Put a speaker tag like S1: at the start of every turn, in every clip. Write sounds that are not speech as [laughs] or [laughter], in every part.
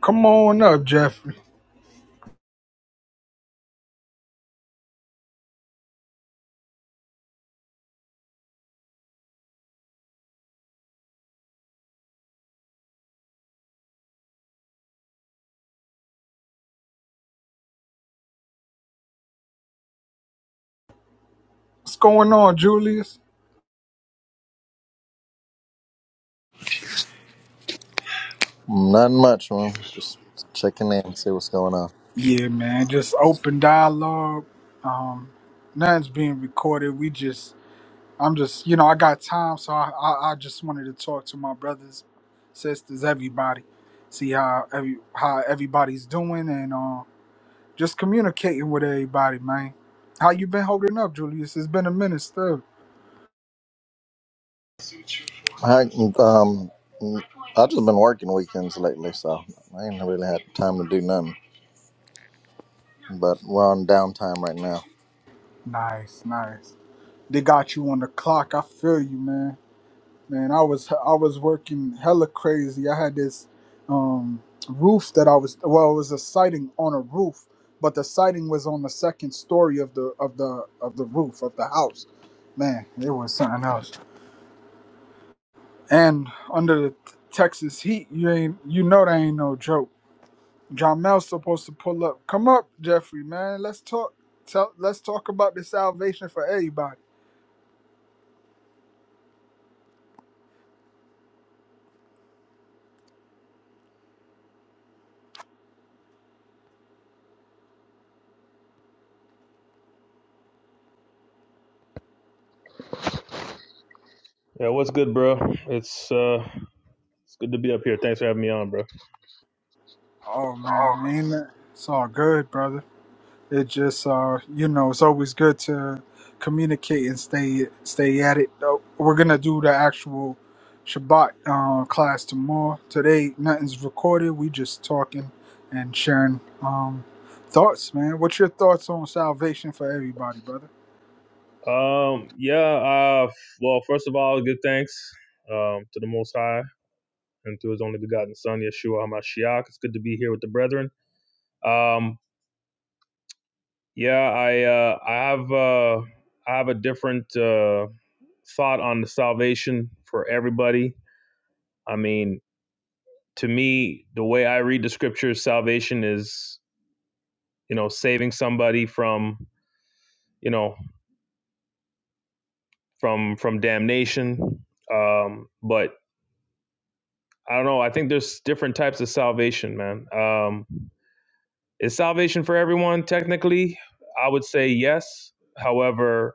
S1: Come on up, Jeffrey. What's going on, Julius?
S2: Not much, man. Just checking in, see what's going on.
S1: Yeah, man. Just open dialogue. Um, nothing's being recorded. We just, I'm just, you know, I got time, so I, I, I just wanted to talk to my brothers, sisters, everybody, see how every how everybody's doing, and uh, just communicating with everybody, man. How you been holding up, Julius? It's been a minute, still.
S2: I um, I've just been working weekends lately, so I ain't really had time to do nothing. But we're on downtime right now.
S1: Nice, nice. They got you on the clock. I feel you, man. man i was i was working hella crazy i had this um roof that i was well it was a siding on a roof but the siding was on the second story of the of the of the roof of the house man it was something else and under the texas heat you ain't you know that ain't no joke john mel's supposed to pull up come up jeffrey man let's talk tell let's talk about the salvation for everybody
S3: Yeah, what's good, bro? It's uh it's good to be up here. Thanks for having me on, bro.
S1: oh man ain't that it's all good brother It just uh, you know, it's always good to communicate and stay stay at it. Uh, We're gonna do the actual Shabbat uh, class tomorrow. Today, nothing's recorded. We just talking and sharing um, thoughts, man. What's your thoughts on salvation for everybody, brother? [clears throat]
S3: Um yeah, uh well, first of all, good thanks um to the most high and to his only begotten son, Yeshua HaMashiach. It's good to be here with the brethren. Um yeah, I uh I have uh I have a different uh thought on the salvation for everybody. I mean, to me, the way I read the scriptures, salvation is, you know, saving somebody from, you know, from from damnation. Um, but I don't know. I think there's different types of salvation, man. Um, is salvation for everyone? Technically, I would say yes. However,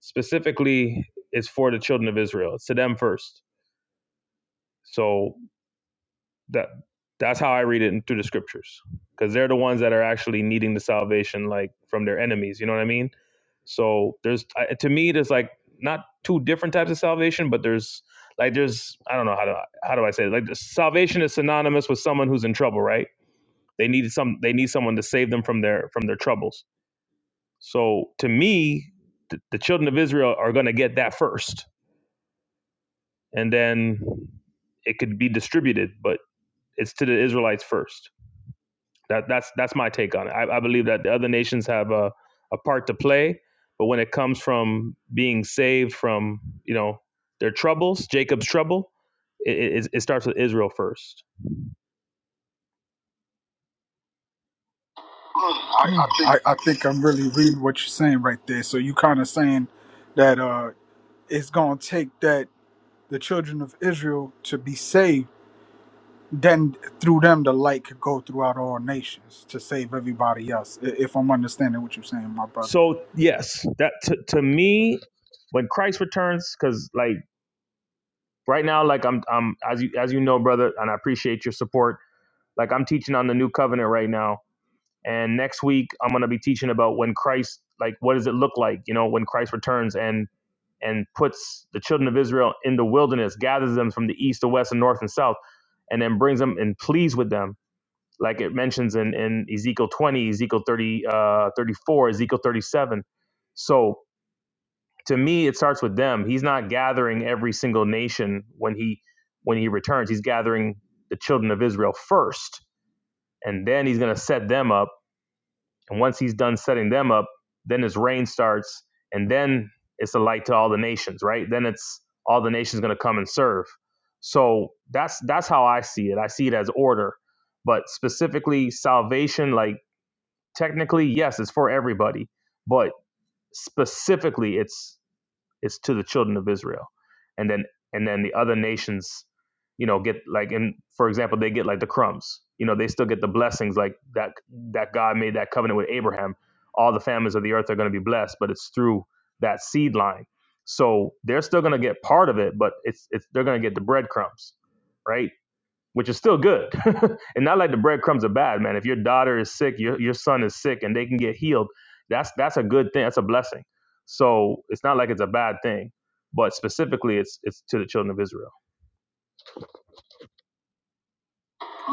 S3: specifically, it's for the children of Israel. It's to them first. So that that's how I read it in, through the scriptures because they're the ones that are actually needing the salvation like from their enemies you know what I mean so there's I- to me there's like not two different types of salvation but there's like there's I don't know how to how do I say it? like the salvation is synonymous with someone who's in trouble right they need some they need someone to save them from their from their troubles so to me the, the children of Israel are going to get that first and then it could be distributed but it's to the Israelites first That that's that's my take on it. I, I believe that the other nations have a, a part to play, but when it comes from being saved from you know their troubles, Jacob's trouble, it, it, it starts with Israel first. I, I
S1: Mm,
S3: think
S1: I, I think I'm really reading what you're saying right there. So you kind of saying that uh, it's gonna take that the children of Israel to be saved then through them the light could go throughout all nations to save everybody else i- if i'm understanding what you're saying my brother
S3: So yes, that to, to me, when Christ returns, because like right now, like I'm I'm as you as you know, brother, and I appreciate your support. Like I'm teaching on the new covenant right now, and next week I'm gonna be teaching about when Christ, like what does it look like, you know, when Christ returns, and and puts the children of Israel in the wilderness, gathers them from the east, the west, and north and south, and then brings them and pleads with them, like it mentions in, in Ezekiel 20, Ezekiel 30, uh, 34, Ezekiel 37. So to me, it starts with them. He's not gathering every single nation when he when he returns. He's gathering the children of Israel first, and then he's going to set them up and once he's done setting them up, then his reign starts, and then it's a light to all the nations, right? Then it's all the nations going to come and serve. So that's that's how I see it. I see it as order, but specifically salvation, like technically, yes, it's for everybody, but specifically, it's it's to the children of Israel. And then and then the other nations, you know, get like in for example, they get like the crumbs. You know, they still get the blessings like that that God made that covenant with Abraham. All the families of the earth are going to be blessed, but it's through that seed line. So they're still going to get part of it, but it's it's they're going to get the breadcrumbs right? which is still good. [laughs] and not like the breadcrumbs are bad, man. If your daughter is sick, your your son is sick, and they can get healed, that's that's a good thing. That's a blessing. So it's not like it's a bad thing, but specifically, it's it's to the children of Israel.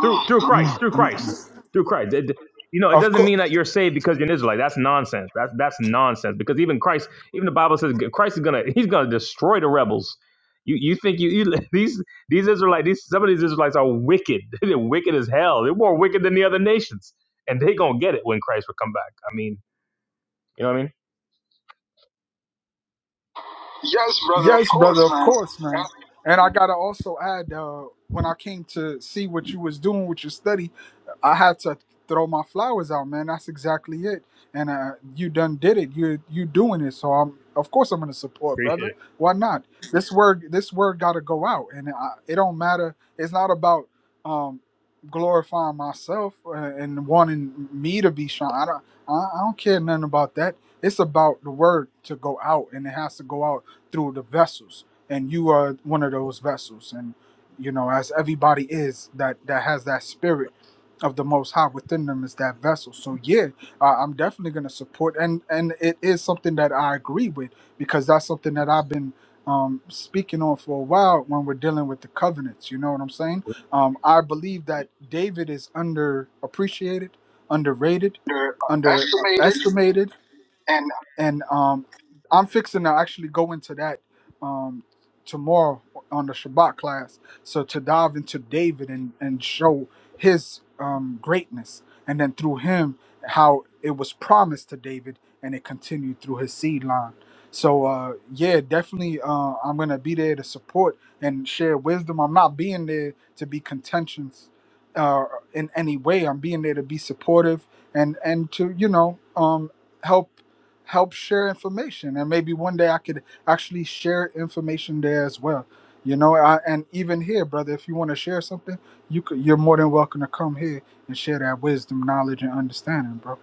S3: through through Christ, through Christ, through Christ. It- you know, it
S1: of
S3: doesn't
S1: course
S3: mean that you're saved because you're an Israelite. That's nonsense. That's that's nonsense. Because even Christ, even the Bible says Christ is gonna he's gonna destroy the rebels. You you think you, you [laughs] these these Israelites these some of these Israelites are wicked. [laughs] They're wicked as hell. They're more wicked than the other nations, and they gonna get it when Christ will come back. I mean, you know what I mean? Yes, brother, of
S1: Yes, brother,
S3: course,
S1: of
S3: man.
S1: course, man.
S3: And
S1: And I gotta also add, uh, when I came to see what you was doing with your study, I had to throw my flowers out, man. That's exactly it. And uh, you done did it. You you doing it, so I'm of course I'm gonna support,
S3: Appreciate
S1: brother.
S3: it.
S1: Why not? This word this word gotta go out, and I, it don't matter. It's not about um, glorifying myself uh, and wanting me to be shown. I don't I, I don't care nothing about that. It's about the word to go out, and it has to go out through the vessels and you are one of those vessels and you know as everybody is that that has that spirit of the most high within them is that vessel so yeah uh, i'm definitely going to support and and it is something that i agree with because that's something that i've been um, speaking on for a while when we're dealing with the covenants you know what i'm saying um, i believe that david is underappreciated underrated
S3: they're estimated
S1: underestimated
S3: and
S1: and um, I'm fixing to actually go into that um, tomorrow on the Shabbat class. So to dive into David and and show his um, greatness, and then through him how it was promised to David and it continued through his seed line. So uh, yeah, definitely uh, I'm gonna be there to support and share wisdom. I'm not being there to be contentious uh, in any way. I'm being there to be supportive and and to you know um, help help share information and maybe one day i could actually share information there as well you know I, and even here brother if you want to share something you could you're more than welcome to come here and share that wisdom knowledge and understanding bro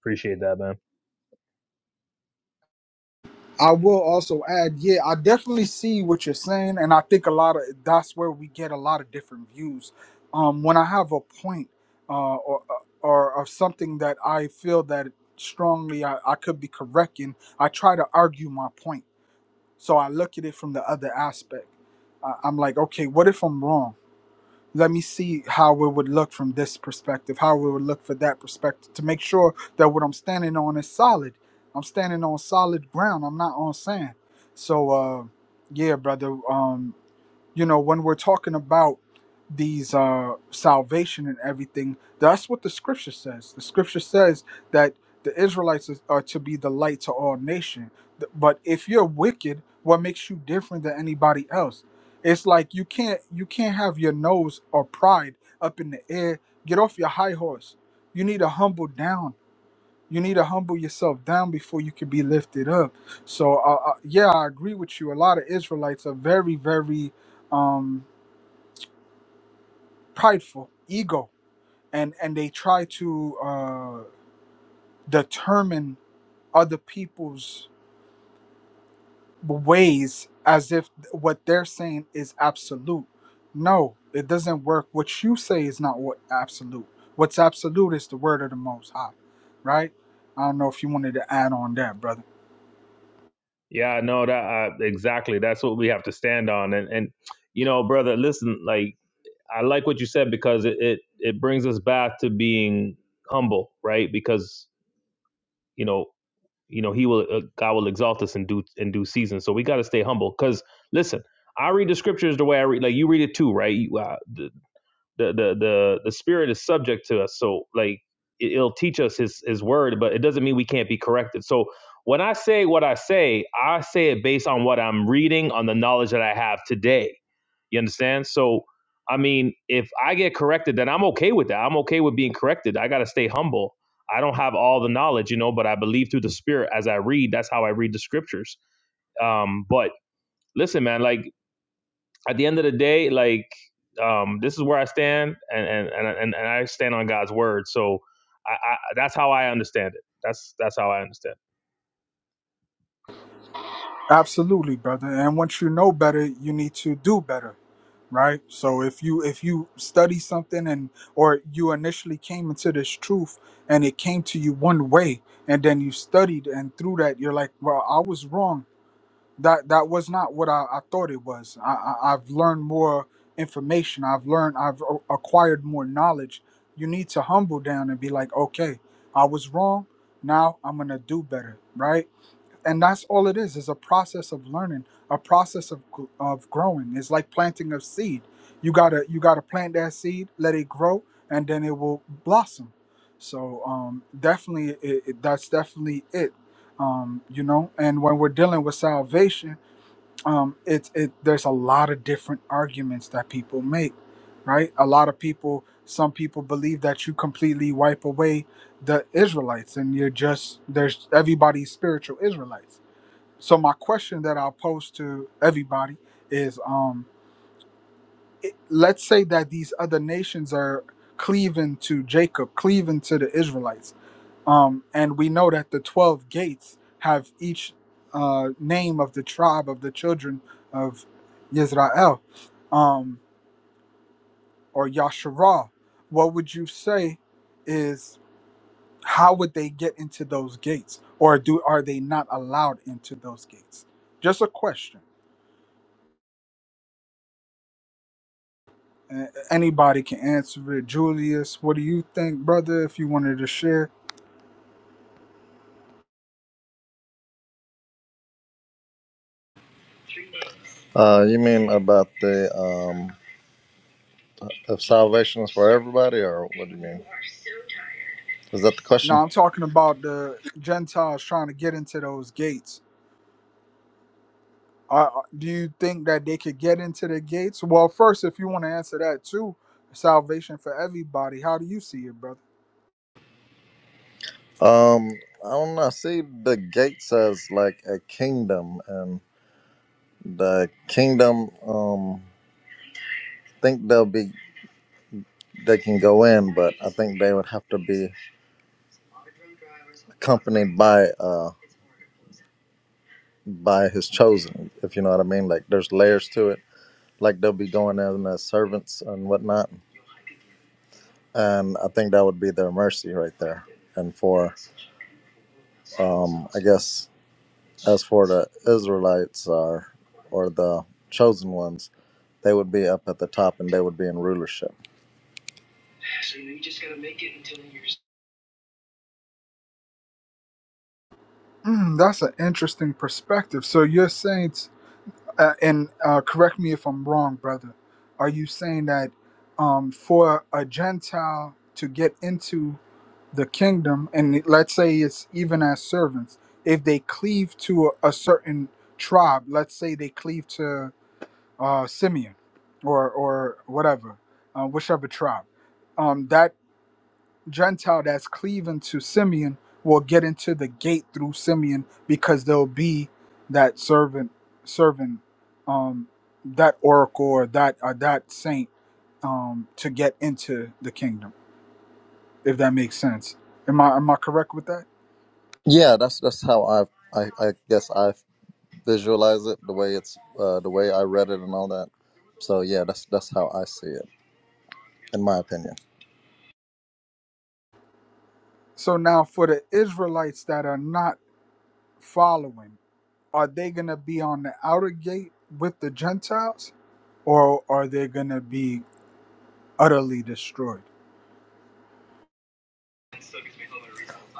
S3: Appreciate that, man.
S1: i will also add yeah i definitely see what you're saying and i think a lot of that's where we get a lot of different views um when i have a point uh or uh, or of something that i feel that strongly i, I could be correcting i try to argue my point So I look at it from the other aspect. I- I'm like, okay, what if I'm wrong? Let me see how it would look from this perspective, how it would look for that perspective to make sure that what I'm standing on is solid. I'm standing on solid ground. I'm not on sand. So, uh, yeah, brother. Um, you know when we're talking about these uh salvation and everything that's what the scripture says the scripture says that the israelites is- are to be the light to all nation Th- but if you're wicked what makes you different than anybody else it's like you can't you can't have your nose or pride up in the air get off your high horse you need to humble down you need to humble yourself down before you can be lifted up. So, uh, uh, yeah, I agree with you. A lot of Israelites are very, very um, prideful, ego, and and they try to uh, determine other people's ways as if what they're saying is absolute. No, it doesn't work. What you say is not what absolute. What's absolute is the word of the Most High, right? I don't know if you wanted to add on that, brother.
S3: Yeah, no, that uh, exactly. That's what we have to stand on. And and you know, brother, listen, like I like what you said because it it, it brings us back to being humble, right? Because you know, you know, he will uh, God will exalt us in due in due season. So we got to stay humble. Because listen, I read the scriptures the way I read. Like you read it too, right? You, uh, the, the the the the spirit is subject to us so like it- it'll teach us his his word but it doesn't mean we can't be corrected so when i say what i say i say it based on what i'm reading on the knowledge that i have today you understand so i mean if i get corrected then i'm okay with that i'm okay with being corrected i got to stay humble i don't have all the knowledge you know but i believe through the spirit as i read that's how i read the scriptures um but listen man like at the end of the day, like um, this is where I stand, and and and and, I stand on God's word. So I, I, that's how I understand it. That's that's how I understand. it.
S1: Absolutely, brother. And once you know better, you need to do better, right? So if you if you study something and or you initially came into this truth and it came to you one way and then you studied and through that you're like, well, I was wrong. That that was not what I, I thought it was. I, I I've learned more information. I've learned I've a- acquired more knowledge. You need to humble down and be like, okay, I was wrong. Now I'm gonna do better, right? and that's all it is is a process of learning a process of, gr- of growing it's like planting a seed you gotta you gotta plant that seed let it grow and then it will blossom so um, definitely it, it- that's definitely it um, you know and when we're dealing with salvation um, it's it there's a lot of different arguments that people make right a lot of people some people believe that you completely wipe away the israelites and you're just there's everybody's spiritual israelites so my question that I'll pose to everybody is: um, it- Let's say that these other nations are cleaving to Jacob, cleaving to the Israelites, um, and we know that the twelve gates have each uh, name of the tribe of the children of Israel, um, or Yasharah. What would you say is how would they get into those gates, or do are they not allowed into those gates? Just a question. and anybody can answer it. Julius, what do you think, brother? If you wanted to share,
S2: Uh, you mean about the um, if salvation is for everybody, or what do you mean? Is that the
S1: no,
S2: question?
S1: I'm talking about the Gentiles trying to get into those gates. Uh, do you think that they could get into the gates? Well, first, if you want to answer that too, salvation for everybody. How do you see it, brother?
S2: Um, I don't know. See, the gate says like a kingdom, and the kingdom um think they'll be they can go in, but I think they would have to be accompanied by uh by his chosen, if you know what I mean. Like there's layers to it. Like they'll be going in as servants and whatnot. And I think that would be their mercy right there. And for um I guess as for the Israelites or or the chosen ones, they would be up at the top and they would be in rulership.
S1: Mm, that's an interesting perspective. So you're saying, t- uh, and uh, correct me if I'm wrong, brother. Are you saying that um, for a Gentile to get into the kingdom and let's say it's even as servants if they cleave to a, a certain tribe let's say they cleave to uh, simeon or or whatever uh, whichever tribe um, that gentile that's cleaving to simeon will get into the gate through simeon because they'll be that servant servant um, that oracle or that or that saint um, to get into the kingdom if that makes sense. Am I am I correct with that?
S2: Yeah, that's that's how I I, I guess I visualize it the way it's uh, the way I read it and all that. So yeah, that's that's how I see it in my opinion.
S1: So now for the Israelites that are not following, are they going to be on the outer gate with the Gentiles or are they going to be utterly destroyed?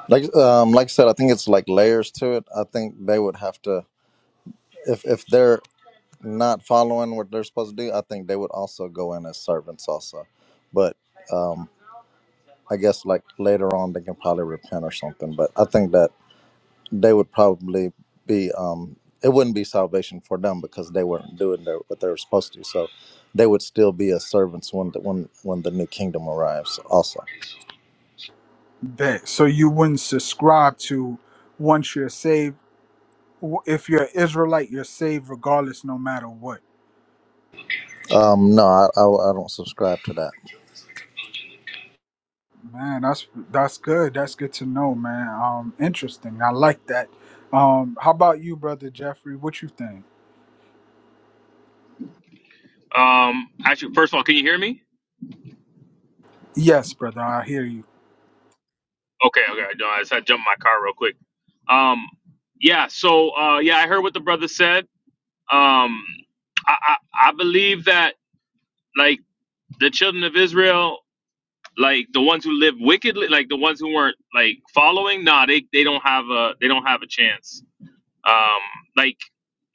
S2: Like um, like I said, I think it's like layers to it. I think they would have to if if they're not following what they're supposed to do, I think they would also go in as servants also. But um, I guess like later on they can probably repent or something. But I think that they would probably be um, it wouldn't be salvation for them because they weren't doing their, what they were supposed to. So they would still be as servants when the, when when the new kingdom arrives. Also,
S1: That so you wouldn't subscribe to once you're saved w- if you're an Israelite, you're saved regardless, no matter what.
S2: um, no, I, I I don't subscribe to that.
S1: Man, that's that's good. That's good to know, man. Um, interesting. I like that. Um, how about you, brother Jeffrey? What you think?
S3: Um, actually, first of all, can you hear me?
S1: Yes, brother. I hear you.
S3: Okay, okay. No, I just had to jump in my car real quick. Um, yeah. So, uh, yeah, I heard what the brother said. Um, I, I, I believe that like the children of Israel, like the ones who live wickedly, like the ones who weren't like following, nah, they, they don't have a they don't have a chance. Um, like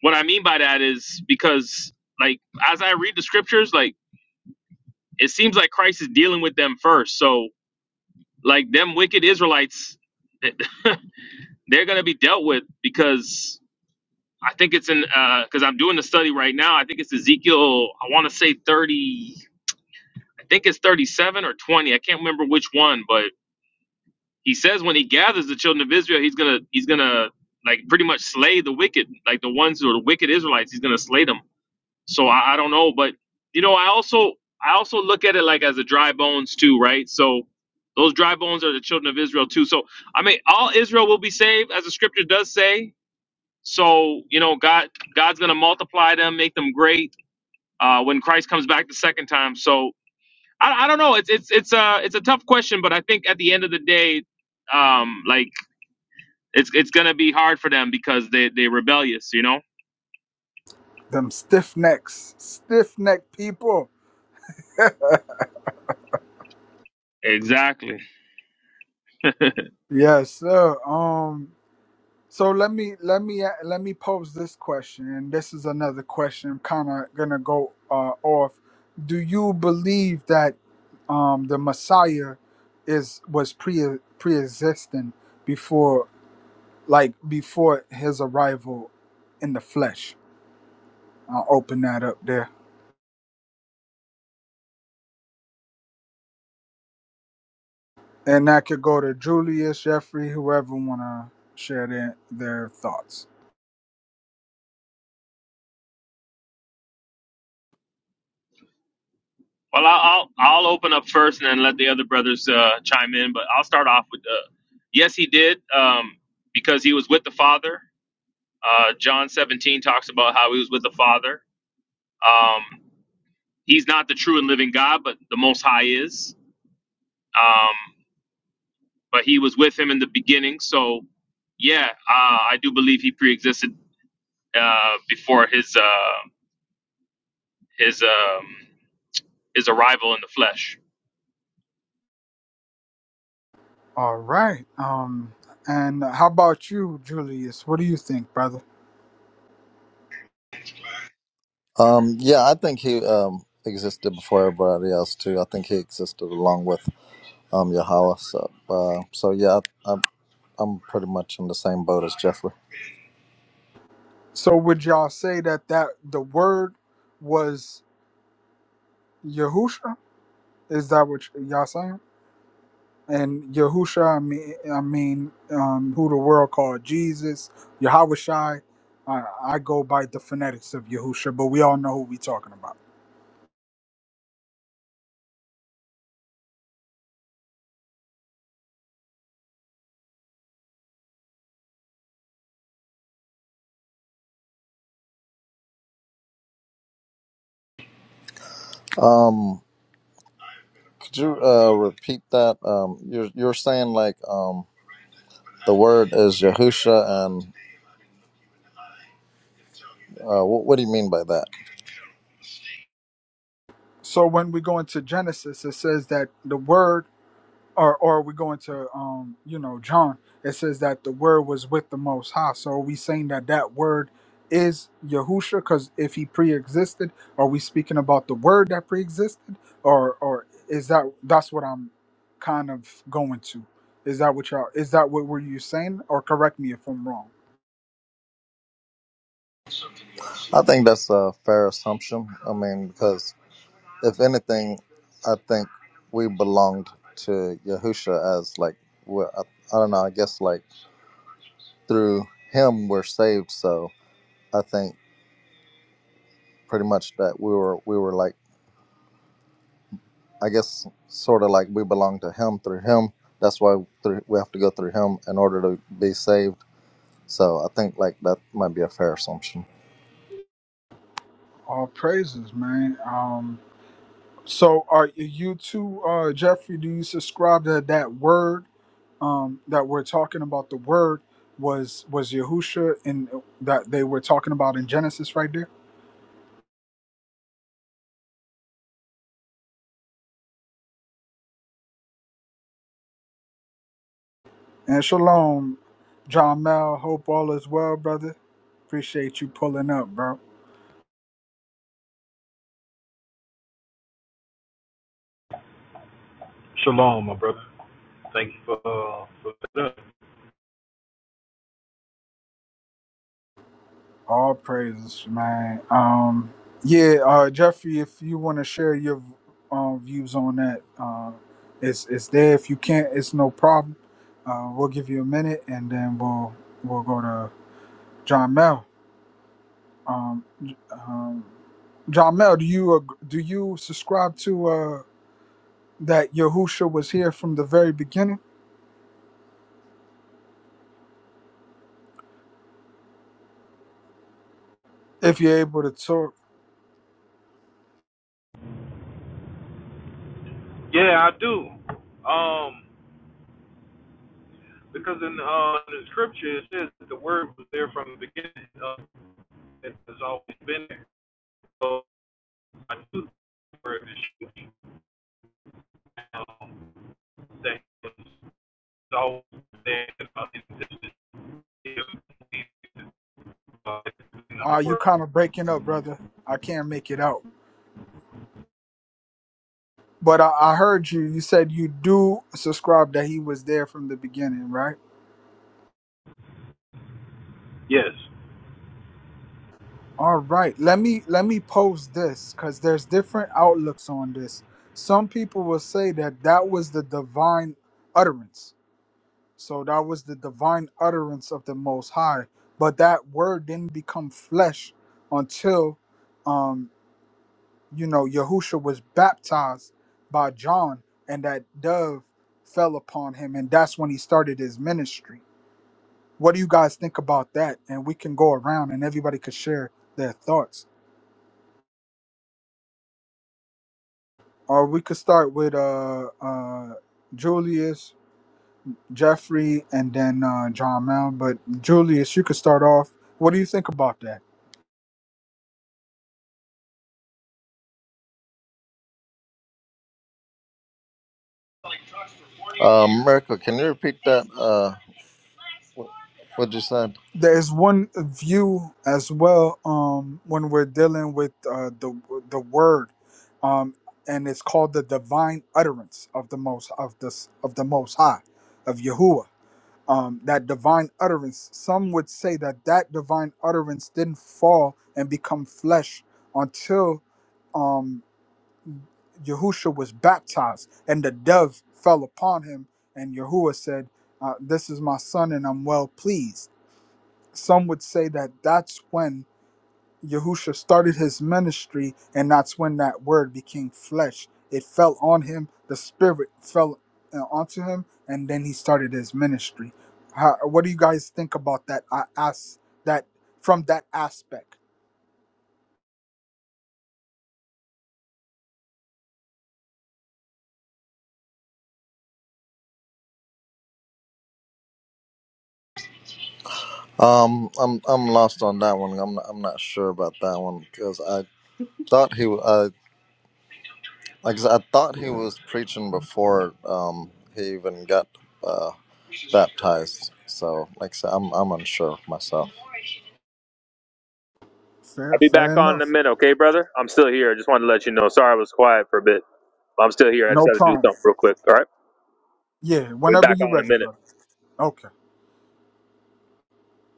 S3: what I mean by that is because like as I read the scriptures, like it seems like Christ is dealing with them first. So like them wicked Israelites, [laughs] they're gonna be dealt with because I think it's in because I'm doing the study right now. I think it's Ezekiel. I want to say 30. I think it's 37 or 20. I can't remember which one, but he says when he gathers the children of Israel, he's gonna he's gonna like pretty much slay the wicked, like the ones who are the wicked Israelites. He's gonna slay them So I, I don't know, but you know, I also I also look at it like as a dry bones too, right? So those dry bones are the children of Israel too. So I mean, all Israel will be saved, as the scripture does say. So you know, God God's gonna multiply them, make them great uh, when Christ comes back the second time. So I, I don't know. It's it's it's a it's a tough question, but I think at the end of the day, um, like it's it's gonna be hard for them because they they rebellious, you know.
S1: Them stiff necks, stiff neck people.
S3: Exactly.
S1: Yes, sir. Um, So let me let me uh, let me pose this question, and this is another question. I'm kind of gonna go uh, off. Do you believe that um, the Messiah is was pre pre-existing before, like before his arrival in the flesh? I'll open that up there, and that could go to Julius, Jeffrey, whoever wanna share their their thoughts.
S3: Well, I'll I'll I'll open up first and then let the other brothers uh, chime in. But I'll start off with, uh, yes, he did um, because he was with the Father. Uh, John 17 talks about how he was with the Father. Um, he's not the true and living God, but the Most High is. Um, but he was with him in the beginning. So, yeah, uh, I do believe he preexisted uh, before his uh, his um, his arrival in the flesh.
S1: All right. Um, and how about you, Julius? What do you think, brother?
S2: Um, yeah, I think he um, existed before everybody else too. I think he existed along with um, Yahweh. So, uh, so yeah, I, I'm I'm pretty much in the same boat as Jeffrey.
S1: So would y'all say that that the word was Yahusha? Is that what y'all saying? And Yahusha, I mean, I mean, um, who the world called Jesus, Yahushai. I, I go by the phonetics of Yahusha, but we all know who we talking about.
S2: Um, could you uh, repeat that? Um, you're you're saying like um, the word is Yahusha, and uh, what, what do you mean by that?
S1: So when we go into Genesis, it says that the word or or we go into um you know John it says that the word was with the most high so are we saying that that word is Yahusha because if he pre-existed are we speaking about the word that pre-existed or or is that that's what I'm kind of going to is that what y'all is that what were you saying or correct me if I'm wrong
S2: I think that's a fair assumption. I mean, because if anything, I think we belonged to Yahusha as like we're, I, I don't know. I guess like through him we're saved so i think pretty much that we were we were like i guess sort of like we belong to him through him that's why through, we have to go through him in order to be saved so i think like that might be a fair assumption
S1: all praises man um So are you too, uh, Jeffrey? Do you subscribe to that word um, that we're talking about? The word was was Yahusha, and that they were talking about in Genesis right there. And shalom, John Mel. Hope all is well, brother. Appreciate you pulling up, bro.
S4: Shalom, my brother. Thank you for uh, for that.
S1: All praises, man. Um, yeah, uh, Jeffrey, if you want to share your um, views on that, uh, it's it's there. If you can't, it's no problem. Uh, we'll give you a minute, and then we'll we'll go to John Mel. Um, J- um, John Mel, do you ag- do you subscribe to uh, that Yahusha was here from the very beginning? If you're able to talk,
S4: Yeah, I do. Um, because in uh the scripture it says that the word was there from the beginning. Uh, it has always been there. So I do the word is huge. Um, that was always there uh, in existence, uh, in the
S1: uh, you
S4: word.
S1: kind of breaking up, brother. I can't make it out. But I, I heard you. You said you do subscribe that he was there from the beginning, right?
S4: Yes.
S1: All right. Let me let me pose this because there's different outlooks on this. Some people will say that that was the divine utterance. So that was the divine utterance of the Most High. But that word didn't become flesh until, um, you know, Yahusha was baptized by John, and that dove fell upon him, and that's when he started his ministry What do you guys think about that? And we can go around and everybody could share their thoughts. Or we could start with uh, uh, Julius, Jeffrey, and then uh, John Mount. But Julius, you could start off. What do you think about that?
S2: um miracle can you repeat that uh what you said
S1: There's one view as well um, when we're dealing with uh, the the word, um, and it's called the divine utterance of the most of this of the Most High, of Yahuwah um, that divine utterance. Some would say that that divine utterance didn't fall and become flesh until um, Yahusha was baptized and the dove fell upon him. And Yahuwah said, uh, This is my son, and I'm well pleased. Some would say that that's when Yahusha started his ministry, and that's when that word became flesh. It fell on him, the spirit fell uh, onto him, and then he started his ministry. How, what do you guys think about that? I ask that from that aspect.
S2: um i'm i'm lost on that one i'm not, i'm not sure about that one because i thought he was. Like I said, I thought he was preaching before um, he even got uh, baptized. So, like I said, I'm I'm unsure myself.
S3: I'll
S1: Fair,
S3: be back
S1: fair
S3: on in a
S1: enough.
S3: minute, okay, brother? I'm still here. I just wanted to let you know. Sorry I was quiet for a bit. But I'm still here. I just
S1: No
S3: had to do
S1: problem.
S3: something real quick. All right.
S1: Yeah,
S3: We'll be
S1: whenever
S3: back on
S1: you're
S3: in a
S1: ready,
S3: minute.
S1: brother. Okay.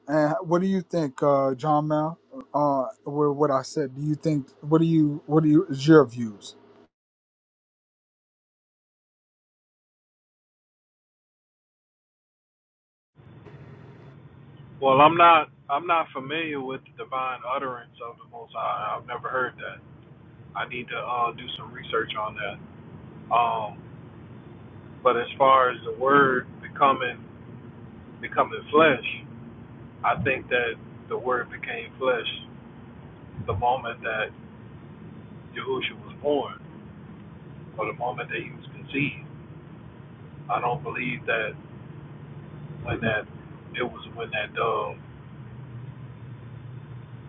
S1: And what do you think, uh, John Mal? Uh, with what I said, do you think? What do you? What do you? Is your views?
S4: Well, I'm not I'm not familiar with the divine utterance of the Most High. I've never heard that. I need to uh, do some research on that. Um, but as far as the word becoming becoming flesh, I think that the word became flesh the moment that Yahushua was born, or the moment that he was conceived. I don't believe that when that it was when that dove,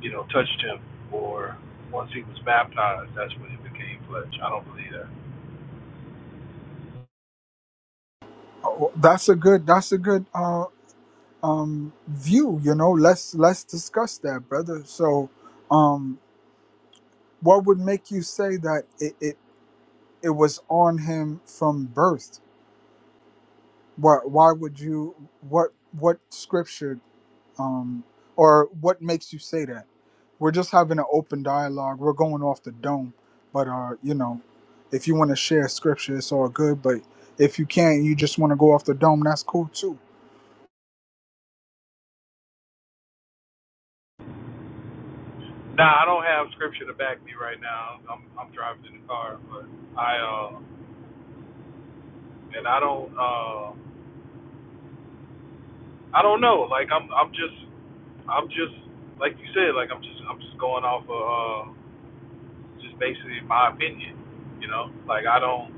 S4: you know, touched him, or once he was baptized, that's when it became flesh. I don't believe that.
S1: Oh, that's a good. That's a good. Uh, um view you know let's let's discuss that brother so um what would make you say that it it, it was on him from birth why why would you what what scripture um or what makes you say that we're just having an open dialogue we're going off the dome but uh you know if you want to share scripture it's all good but if you can't you just want to go off the dome that's cool too
S4: Now I don't have scripture to back me right now. I'm I'm driving in the car, but I uh and I don't uh I don't know. Like I'm I'm just I'm just like you said, like I'm just I'm just going off of uh just basically my opinion. You know? Like I don't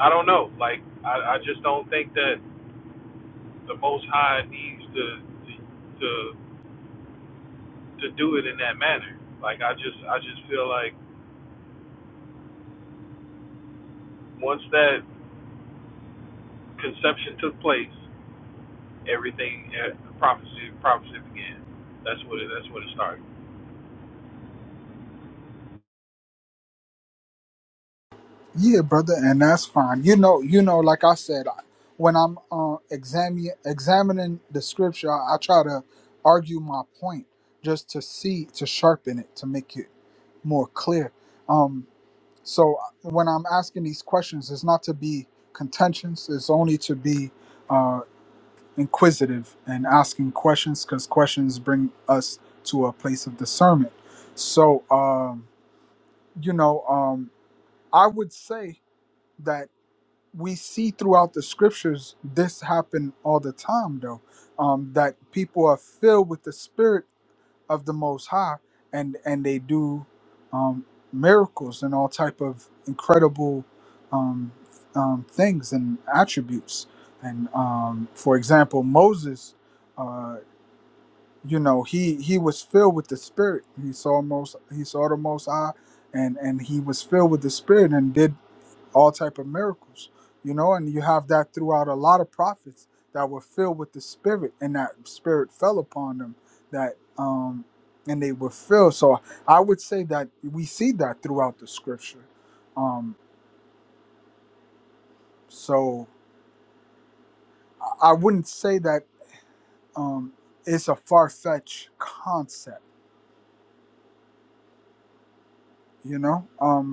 S4: I don't know. Like I, I just don't think that the most high needs to to to to do it in that manner. Like I just I just feel like once that conception took place, everything eh, prophecy prophecy began. That's what it that's what it started.
S1: Yeah, brother, and that's fine. You know, you know, like I said, I- when I'm uh, examining examining the scripture, I, I try to argue my point just to see to sharpen it to make it more clear. Um, so uh, when I'm asking these questions, it's not to be contentious. It's only to be uh, inquisitive and asking questions because questions bring us to a place of discernment. So um, you know, um, I would say that we see throughout the scriptures this happen all the time though um, that people are filled with the spirit of the most high and and they do um, miracles and all type of incredible um, um, things and attributes and um, for example moses uh, you know he he was filled with the spirit he saw most he saw the most high and and he was filled with the spirit and did all type of miracles you know and you have that throughout a lot of prophets that were filled with the spirit and that spirit fell upon them that um and they were filled so i would say that we see that throughout the scripture um so i I wouldn't say that um it's a far-fetched concept you know um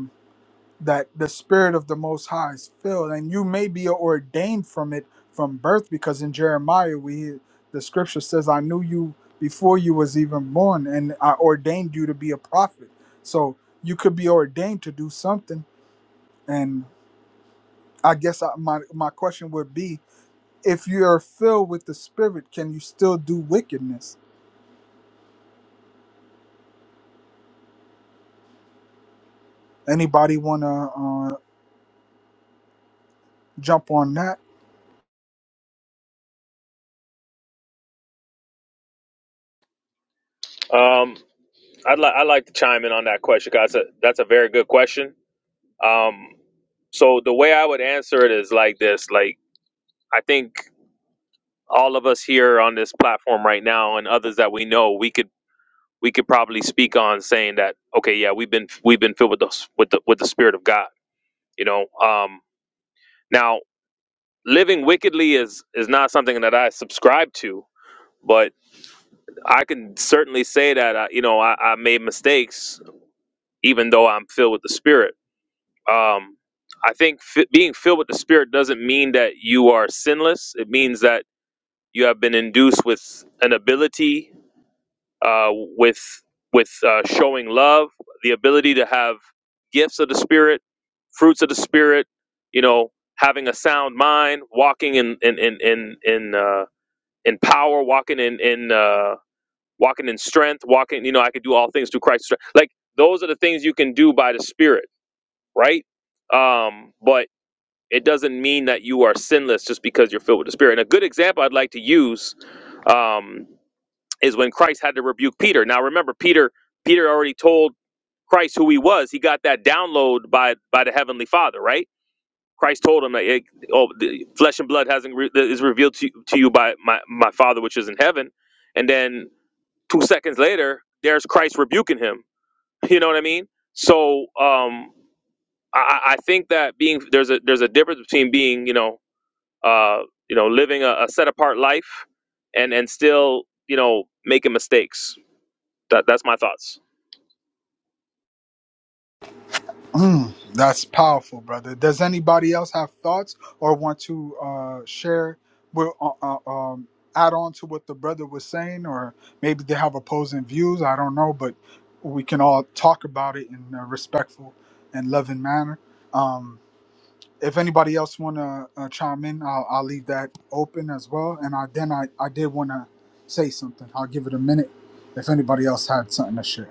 S1: that the spirit of the most high is filled and you may be ordained from it from birth because in jeremiah we hear the scripture says i knew you before you was even born and i ordained you to be a prophet so you could be ordained to do something and i guess I, my, my question would be if you are filled with the spirit can you still do wickedness anybody want to uh, jump on that
S3: Um, I'd like I'd like to chime in on that question guys. that's a, that's a very good question. Um, so the way I would answer it is like this: like I think all of us here on this platform right now and others that we know, we could we could probably speak on saying that okay, yeah, we've been we've been filled with the with the with the spirit of God. You know, um, now living wickedly is is not something that I subscribe to, but I can certainly say that I, you know I, I made mistakes, even though I'm filled with the Spirit. Um, I think f- being filled with the Spirit doesn't mean that you are sinless. It means that you have been induced with an ability, uh, with with uh, showing love, the ability to have gifts of the Spirit, fruits of the Spirit. You know, having a sound mind, walking in in in in in. Uh, in power, walking in in uh, walking in strength, walking. You know, I could do all things through Christ. strength. Like those are the things you can do by the Spirit, right? Um, but it doesn't mean that you are sinless just because you're filled with the Spirit. And a good example I'd like to use um, is when Christ had to rebuke Peter. Now, remember, Peter Peter already told Christ who he was. He got that download by by the Heavenly Father, right? Christ told him that eh, oh, the flesh and blood hasn't re- is revealed to, to you by my, my Father which is in heaven. And then two seconds later, there's Christ rebuking him. [laughs] You know what I mean? So um, I, I think that being there's a there's a difference between being you know uh, you know living a, a set apart life and and still you know making mistakes. That that's my thoughts.
S1: Mm, that's powerful, brother. Does anybody else have thoughts or want to uh, share, with, uh, uh, um, add on to what the brother was saying, or maybe they have opposing views? I don't know, but we can all talk about it in a respectful and loving manner. Um, if anybody else want to uh, chime in, I'll, I'll leave that open as well. And I, then I, I did want to say something. I'll give it a minute if anybody else had something to share.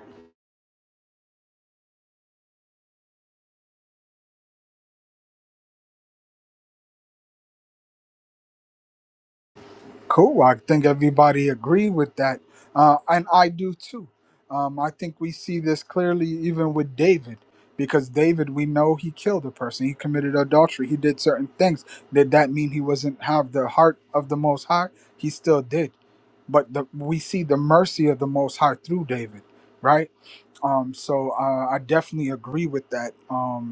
S1: Cool. I think everybody agree with that, uh, and I do too. Um, I think we see this clearly even with David, because David, we know he killed a person, he committed adultery, he did certain things. Did that mean he wasn't have the heart of the Most High? He still did, but the, we see the mercy of the Most High through David, right? Um, so uh, I definitely agree with that. Um,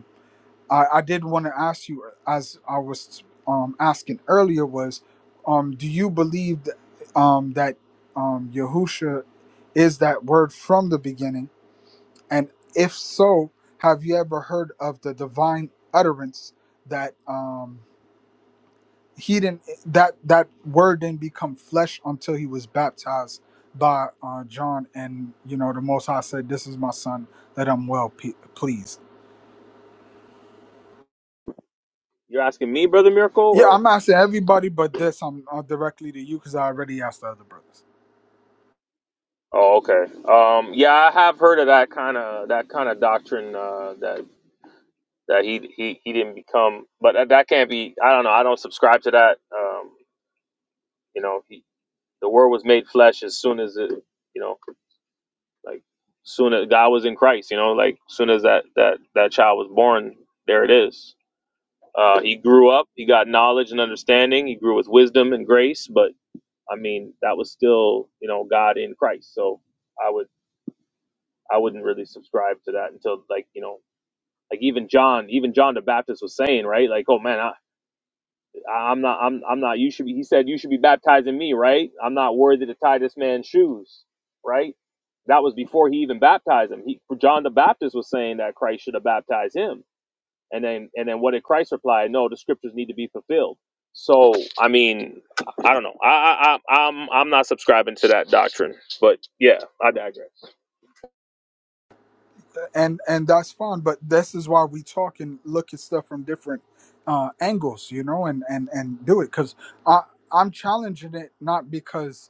S1: I, I did want to ask you, as I was um, asking earlier, was um, do you believe that, um, that um, Yahusha is that word from the beginning? And if so, have you ever heard of the divine utterance that um, he didn't that that word didn't become flesh until he was baptized by uh, John? And you know, the Most High said, "This is my son that I'm well pe- pleased."
S3: You're asking me, brother Miracle,
S1: Yeah,
S3: or?
S1: I'm asking everybody but this. I'm uh, directly to you because I already asked the other brothers,
S3: Oh, okay. Um, yeah, I have heard of that kind of that kind of doctrine uh, that that he, he he didn't become, but that, that can't be. I don't know. I don't subscribe to that. Um, you know, he, the word was made flesh as soon as it, you know, like soon as God was in Christ. You know, like soon as that that that child was born, there it is. Uh, he grew up. He got knowledge and understanding. He grew with wisdom and grace. But I mean, that was still you know God in Christ. So I would I wouldn't really subscribe to that until like you know like even John, even John the Baptist was saying, right? Like, oh man, I, I- am not, I'm, I'm not. You should be. He said, you should be baptizing me, right? I'm not worthy to tie this man's shoes, right? That was before he even baptized him. He, John the Baptist was saying that Christ should have baptized him, and then, and then what did Christ reply? No, the scriptures need to be fulfilled. So, I mean, I don't know. I, I, I I'm, I'm not subscribing to that doctrine, but yeah, I digress.
S1: and and that's fine. But this is why we talk and look at stuff from different uh, angles, you know, and and and do it because I I'm challenging it not because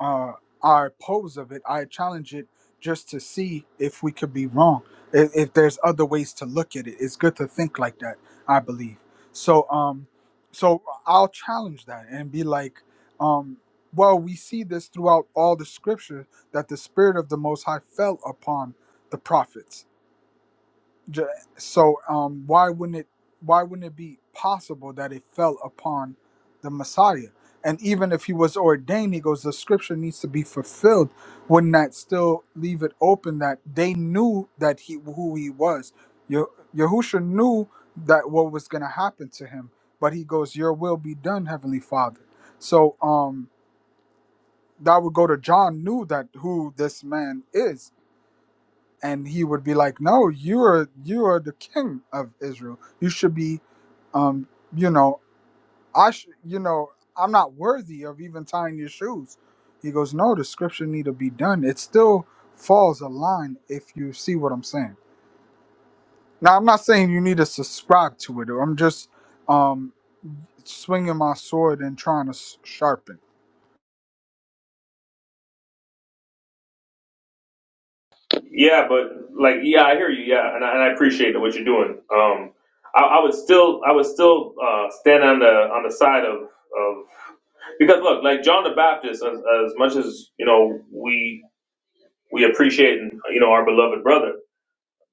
S1: uh, our pose of it. I challenge it just to see if we could be wrong, if, if there's other ways to look at it. It's good to think like that, I believe. So, um, so I'll challenge that and be like, um, well, we see this throughout all the scripture that the Spirit of the Most High fell upon the prophets Ju- So um, why wouldn't it why wouldn't it be possible that it fell upon the Messiah? And even if he was ordained, he goes, the scripture needs to be fulfilled. Wouldn't that still leave it open that they knew that he who he was? Ye- Yahusha knew that what was going to happen to him, but he goes, "Your will be done, Heavenly Father." So um, that would go to John knew that who this man is and he would be like, "No, you are you are the king of Israel. You should be, um, you know, I should, you know, I'm not worthy of even tying your shoes." He goes, "No, the scripture need to be done. It still falls a line if you see what I'm saying." Now, I'm not saying you need to subscribe to it. I'm just um, swinging my sword and trying to s- sharpen.
S3: Yeah, but like, yeah, I hear you. Yeah, and I, and I appreciate what you're doing. Um, I, I would still, I would still uh, stand on the on the side of of because look, like John the Baptist, as, as much as you know, we we appreciate you know our beloved brother,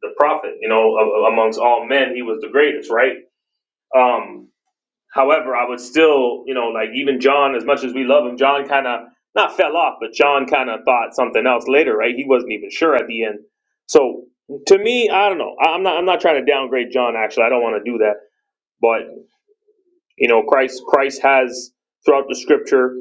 S3: the prophet. You know, a, a- amongst all men, he was the greatest, right? Um, However, I would still, you know, like even John, as much as we love him, John kind of not fell off, but John kind of thought something else later, right? He wasn't even sure at the end. So to me, I don't know. I- I'm not. I'm not trying to downgrade John. Actually, I don't want to do that. But you know, Christ, Christ has throughout the Scripture,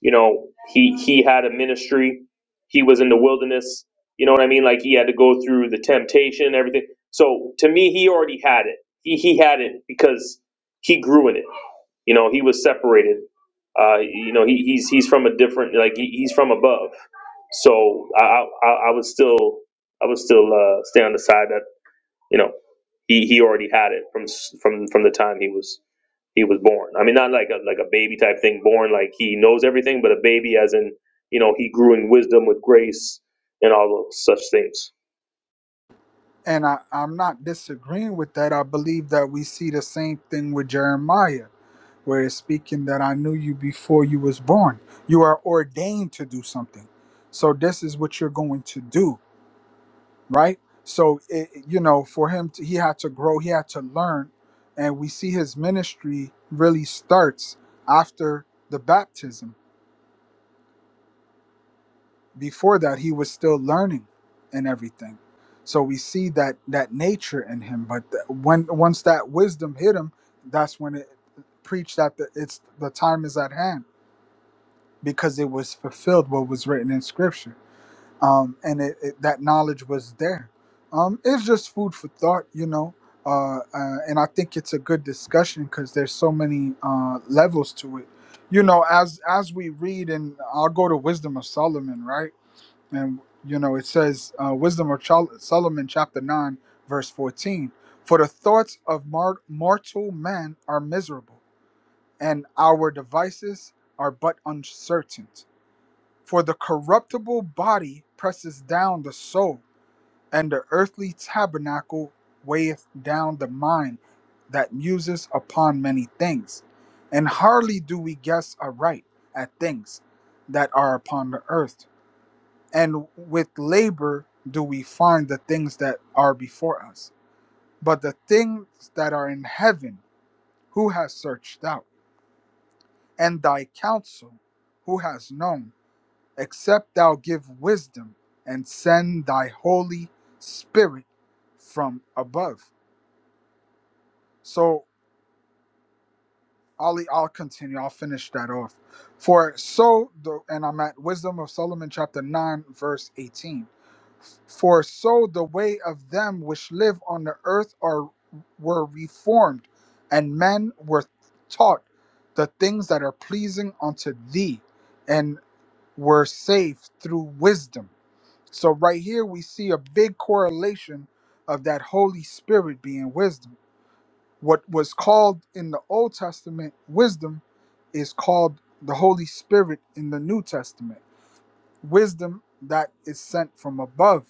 S3: you know, he he had a ministry. He was in the wilderness. You know what I mean? Like he had to go through the temptation, everything. So to me, he already had it. He he had it because he grew in it you know, he was separated. Uh, you know, he, he's he's from a different like he, he's from above. So I, I I would still I would still uh, stay on the side that you know he, he already had it from s- from from the time he was he was born. I mean, not like a like a baby type thing, born like he knows everything, but a baby as in you know he grew in wisdom with grace and all those such things.
S1: And I, I'm not disagreeing with that. I believe that we see the same thing with Jeremiah where it's speaking that I knew you before you was born. You are ordained to do something. So this is what you're going to do, right? So it, you know, for him to, he had to grow, he had to learn, and we see his ministry really starts after the baptism. Before that, he was still learning and everything. So we see that that nature in him, but th- when once that wisdom hit him, that's when it preached that the, it's the time is at hand because it was fulfilled what was written in scripture um, and it, it, that knowledge was there um, it's just food for thought you know uh, uh, and i think it's a good discussion because there's so many uh, levels to it you know as as we read and i'll go to wisdom of solomon right and you know it says uh, wisdom of Chol- solomon chapter 9 verse 14 for the thoughts of mar- mortal man are miserable and our devices are but uncertain for the corruptible body presses down the soul, and the earthly tabernacle weigheth down the mind that muses upon many things. And hardly do we guess aright at things that are upon the earth, and with labor do we find the things that are before us. But the things that are in heaven, who has searched out? And thy counsel, who has known? except thou give wisdom and send thy holy spirit from above so i'll i'll continue i'll finish that off for so the and i'm at wisdom of solomon chapter 9 verse 18 for so the way of them which live on the earth are were reformed and men were taught the things that are pleasing unto thee and were saved through wisdom So right here we see a big correlation of that Holy Spirit being wisdom. What was called in the Old Testament wisdom is called the Holy Spirit in the New Testament. Wisdom that is sent from above,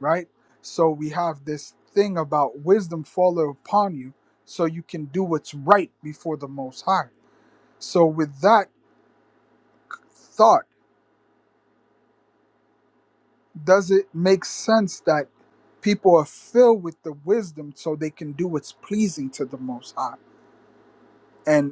S1: right? So we have this thing about wisdom follow upon you so you can do what's right before the most high. So with that thought does it make sense that people are filled with the wisdom so they can do what's pleasing to the most high And.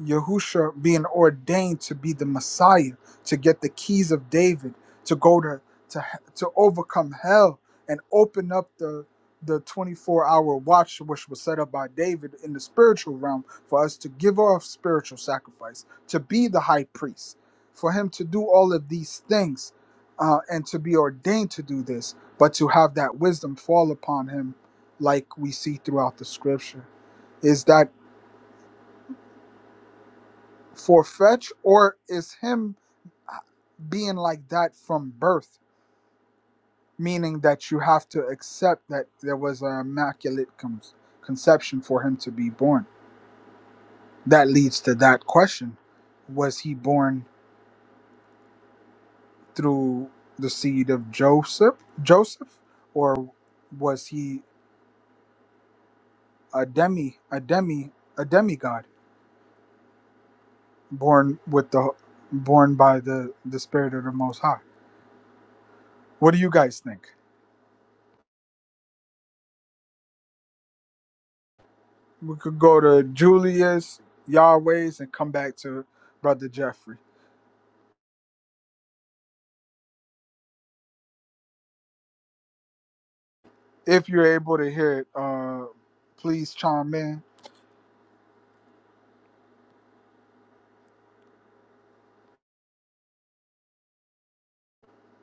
S1: Yahusha being ordained to be the Messiah, to get the keys of David, to go to to to overcome hell and open up the the 24-hour watch which was set up by David in the spiritual realm for us to give off spiritual sacrifice, to be the high priest, for him to do all of these things uh, and to be ordained to do this, but to have that wisdom fall upon him like we see throughout the scripture is that for fetch, or is him being like that from birth, meaning that you have to accept that there was an immaculate con- conception for him to be born. That leads to that question: Was he born through the seed of Joseph, Joseph, or was he a demi, a demi, a demigod, born with the, born by the the spirit of the Most High? What do you guys think? We could go to Julius, Yahweh's, and come back to Brother Jeffrey. If you're able to hear it, uh, please chime in.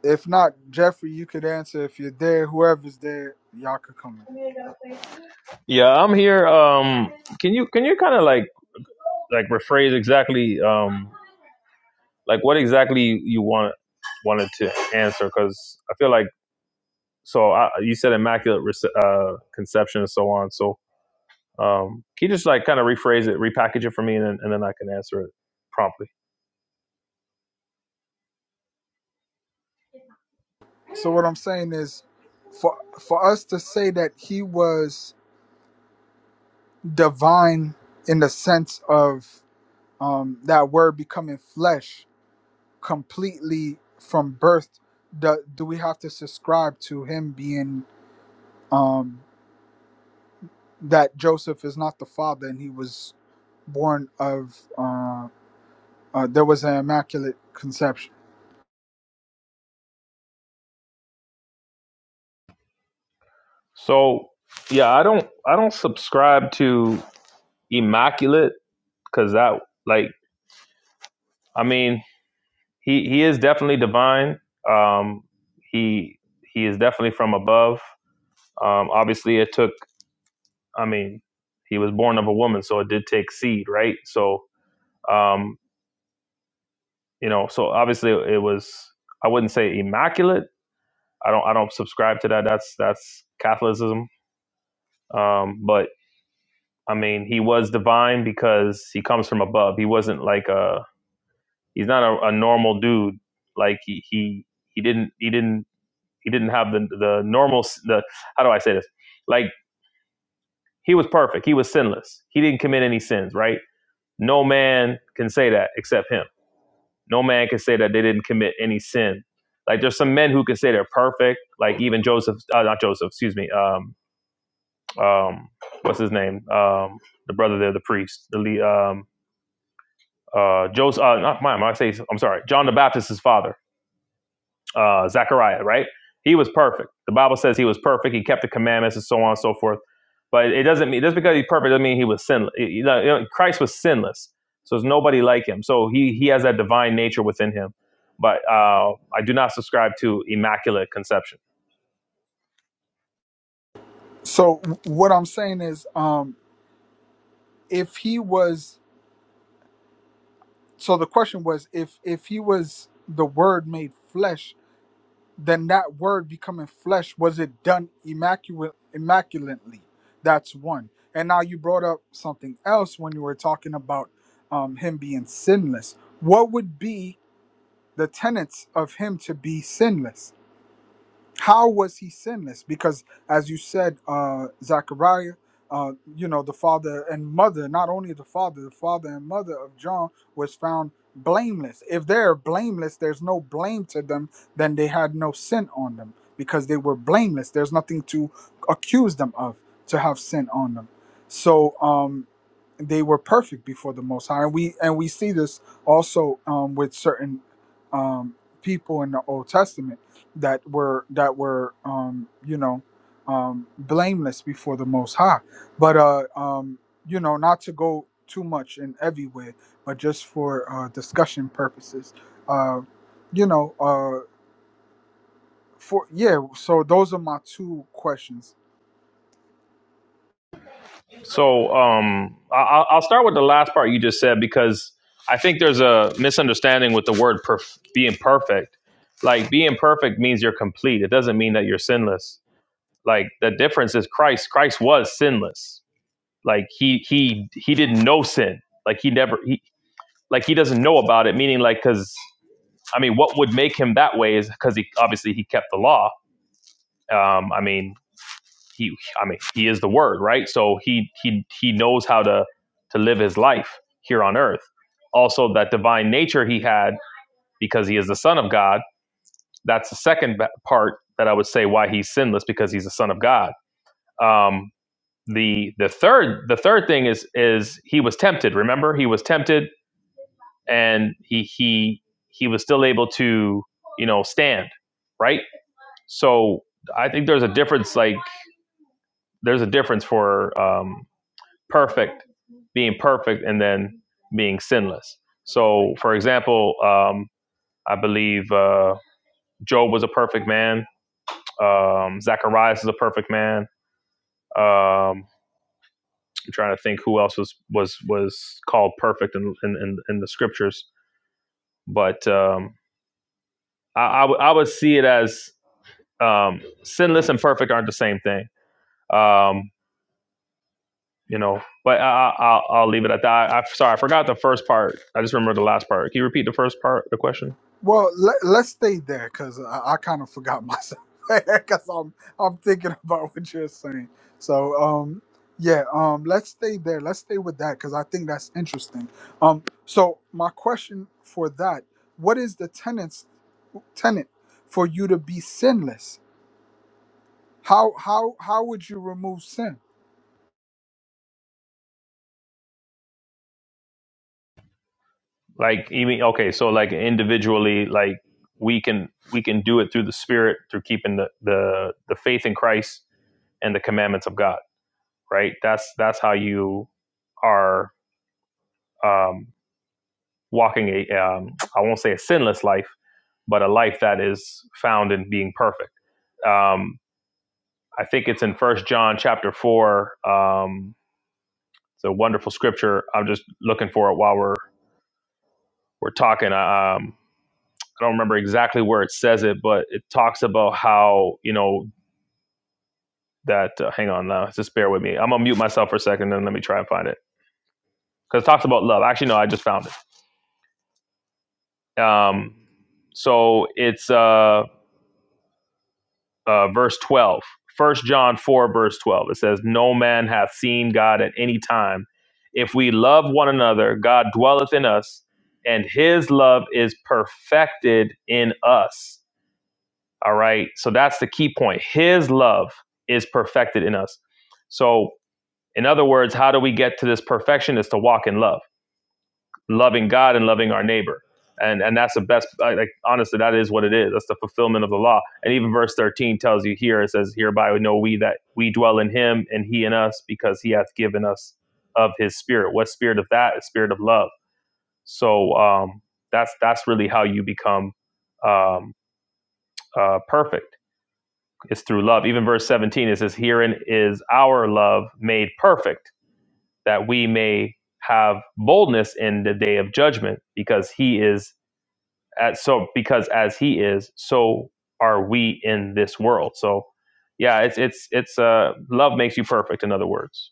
S1: If not, Jeffrey, you could answer. If you're there, whoever's there, y'all could come in.
S3: Yeah, I'm here. Um, can you can you kind of like like rephrase exactly? Um, like what exactly you want wanted to answer because i feel like so I, you said immaculate uh, conception and so on so um, can you just like kind of rephrase it repackage it for me and then, and then i can answer it promptly
S1: So what I'm saying is, for for us to say that he was divine in the sense of um, that word becoming flesh completely from birth, do, do we have to subscribe to him being? um, that Joseph is not the father and he was born of uh, uh, there was an immaculate conception.
S3: so yeah i don't i don't subscribe to immaculate because that like i mean he he is definitely divine um he he is definitely from above um obviously it took I mean, he was born of a woman, so it did take seed, right? So, um, you know, so obviously it was. I wouldn't say immaculate. I don't. I don't subscribe to that. That's that's Catholicism. Um, but I mean, he was divine because he comes from above. He wasn't like a. He's not a, a normal dude. Like he he he didn't he didn't he didn't have the the normal s- the how do I say this? Like he was perfect. He was sinless. He didn't commit any sins. Right? No man can say that except him No man can say that they didn't commit any sin. Like there's some men who can say they're perfect, like even Joseph, uh, not Joseph, excuse me. Um, um, what's his name? Um, the brother there, the priest, the um, uh, Joseph. Uh, not mine. I say I'm sorry. John the Baptist's father uh, Zechariah, right? He was perfect. The Bible says he was perfect. He kept the commandments and so on and so forth. But it doesn't mean just because he's perfect doesn't mean he was sinless. You know, Christ was sinless, so there's nobody like him. So he he has that divine nature within him. But uh, I do not subscribe to immaculate conception.
S1: So w- what I'm saying is, um, if he was, so the question was, if if he was the Word made flesh, then that Word becoming flesh was it done immaculate immaculately? That's one. And now you brought up something else when you were talking about um, him being sinless. What would be the tenets of him to be sinless? how was he sinless? Because as you said, uh, Zachariah, uh, you know, the father and mother, not only the father, the father and mother of John was found blameless. If they're blameless, there's no blame to them, then they had no sin on them because they were blameless. There's nothing to accuse them of to have sin on them. So, um, they were perfect before the Most High, and we and we see this also um, with certain um, people in the Old Testament that were that were um, you know um, blameless before the Most High. But uh, um, you know, not to go too much and everywhere, but just for uh, discussion purposes, uh, you know, uh, for yeah. So those are my two questions
S3: So um, I, I'll I'll start with the last part you just said because I think there's a misunderstanding with the word perf- being perfect. Like being perfect means you're complete. It doesn't mean that you're sinless Like the difference is Christ. Christ was sinless. Like he he he didn't know sin. Like he never he like he doesn't know about it. Meaning like because I mean, what would make him that way is because he obviously he kept the law. Um, I mean he I mean he is the Word, right? So he he he knows how to to live his life here on earth. Also, that divine nature he had because he is the Son of God. That's the second part that I would say why he's sinless because he's the Son of God. Um, the the third the third thing is is he was tempted remember he was tempted and he he he was still able to you know stand right so i think there's a difference like there's a difference for um perfect being perfect and then being sinless so for example um i believe uh job was a perfect man um zacharias is a perfect man um I'm trying to think who else was was was called perfect in in, in, the scriptures, but um, I, I, w- I would see it as um, sinless and perfect aren't the same thing. Um, you know, but I, I, will I'll leave it at that. I, I, sorry, I forgot the first part. I just remember the last part. Can you repeat the first part, the question?
S1: Well, let, let's stay there because I, I kind of forgot myself [laughs] because I'm I'm thinking [laughs] about what you're saying. So, um, yeah, um, let's stay there. Let's stay with that because I think that's interesting. Um, so my question for that: What is the tenants tenant for you to be sinless? How how how would you remove sin?
S3: Like, even okay, so like individually, like we can we can do it through the Spirit, through keeping the the the faith in Christ, and the commandments of God, right? That's that's how you are um, walking a um, I won't say a sinless life, but a life that is found in being perfect. Um, I think it's in First John chapter four. Um, it's a wonderful scripture. I'm just looking for it while we're we're talking. I, Um, I don't remember exactly where it says it, but it talks about how you know that. Uh, hang on, now just bear with me. I'm gonna mute myself for a second and let me try and find it because it talks about love. Actually, no, I just found it. Um, so it's uh, uh, verse 12, first John 4, verse 12. It says, No man hath seen God at any time. If we love one another, God dwelleth in us, and his love is perfected in us. All right. So that's the key point. His love is perfected in us. So, in other words, how do we get to this perfection? Is to walk in love loving God and loving our neighbor. And and that's the best. Like honestly, that is what it is. That's the fulfillment of the law. And even verse thirteen tells you here. It says, "Hereby we know we that we dwell in Him, and He in us, because He hath given us of His Spirit." What spirit of that? A spirit of love. So um, that's that's really how you become um, uh, perfect. It's through love. Even verse seventeen it says, "Herein is our love made perfect, that we may have boldness in the day of judgment, because He is." As, so because as he is, so are we in this world. So yeah, it's it's it's uh love makes you perfect, in other words.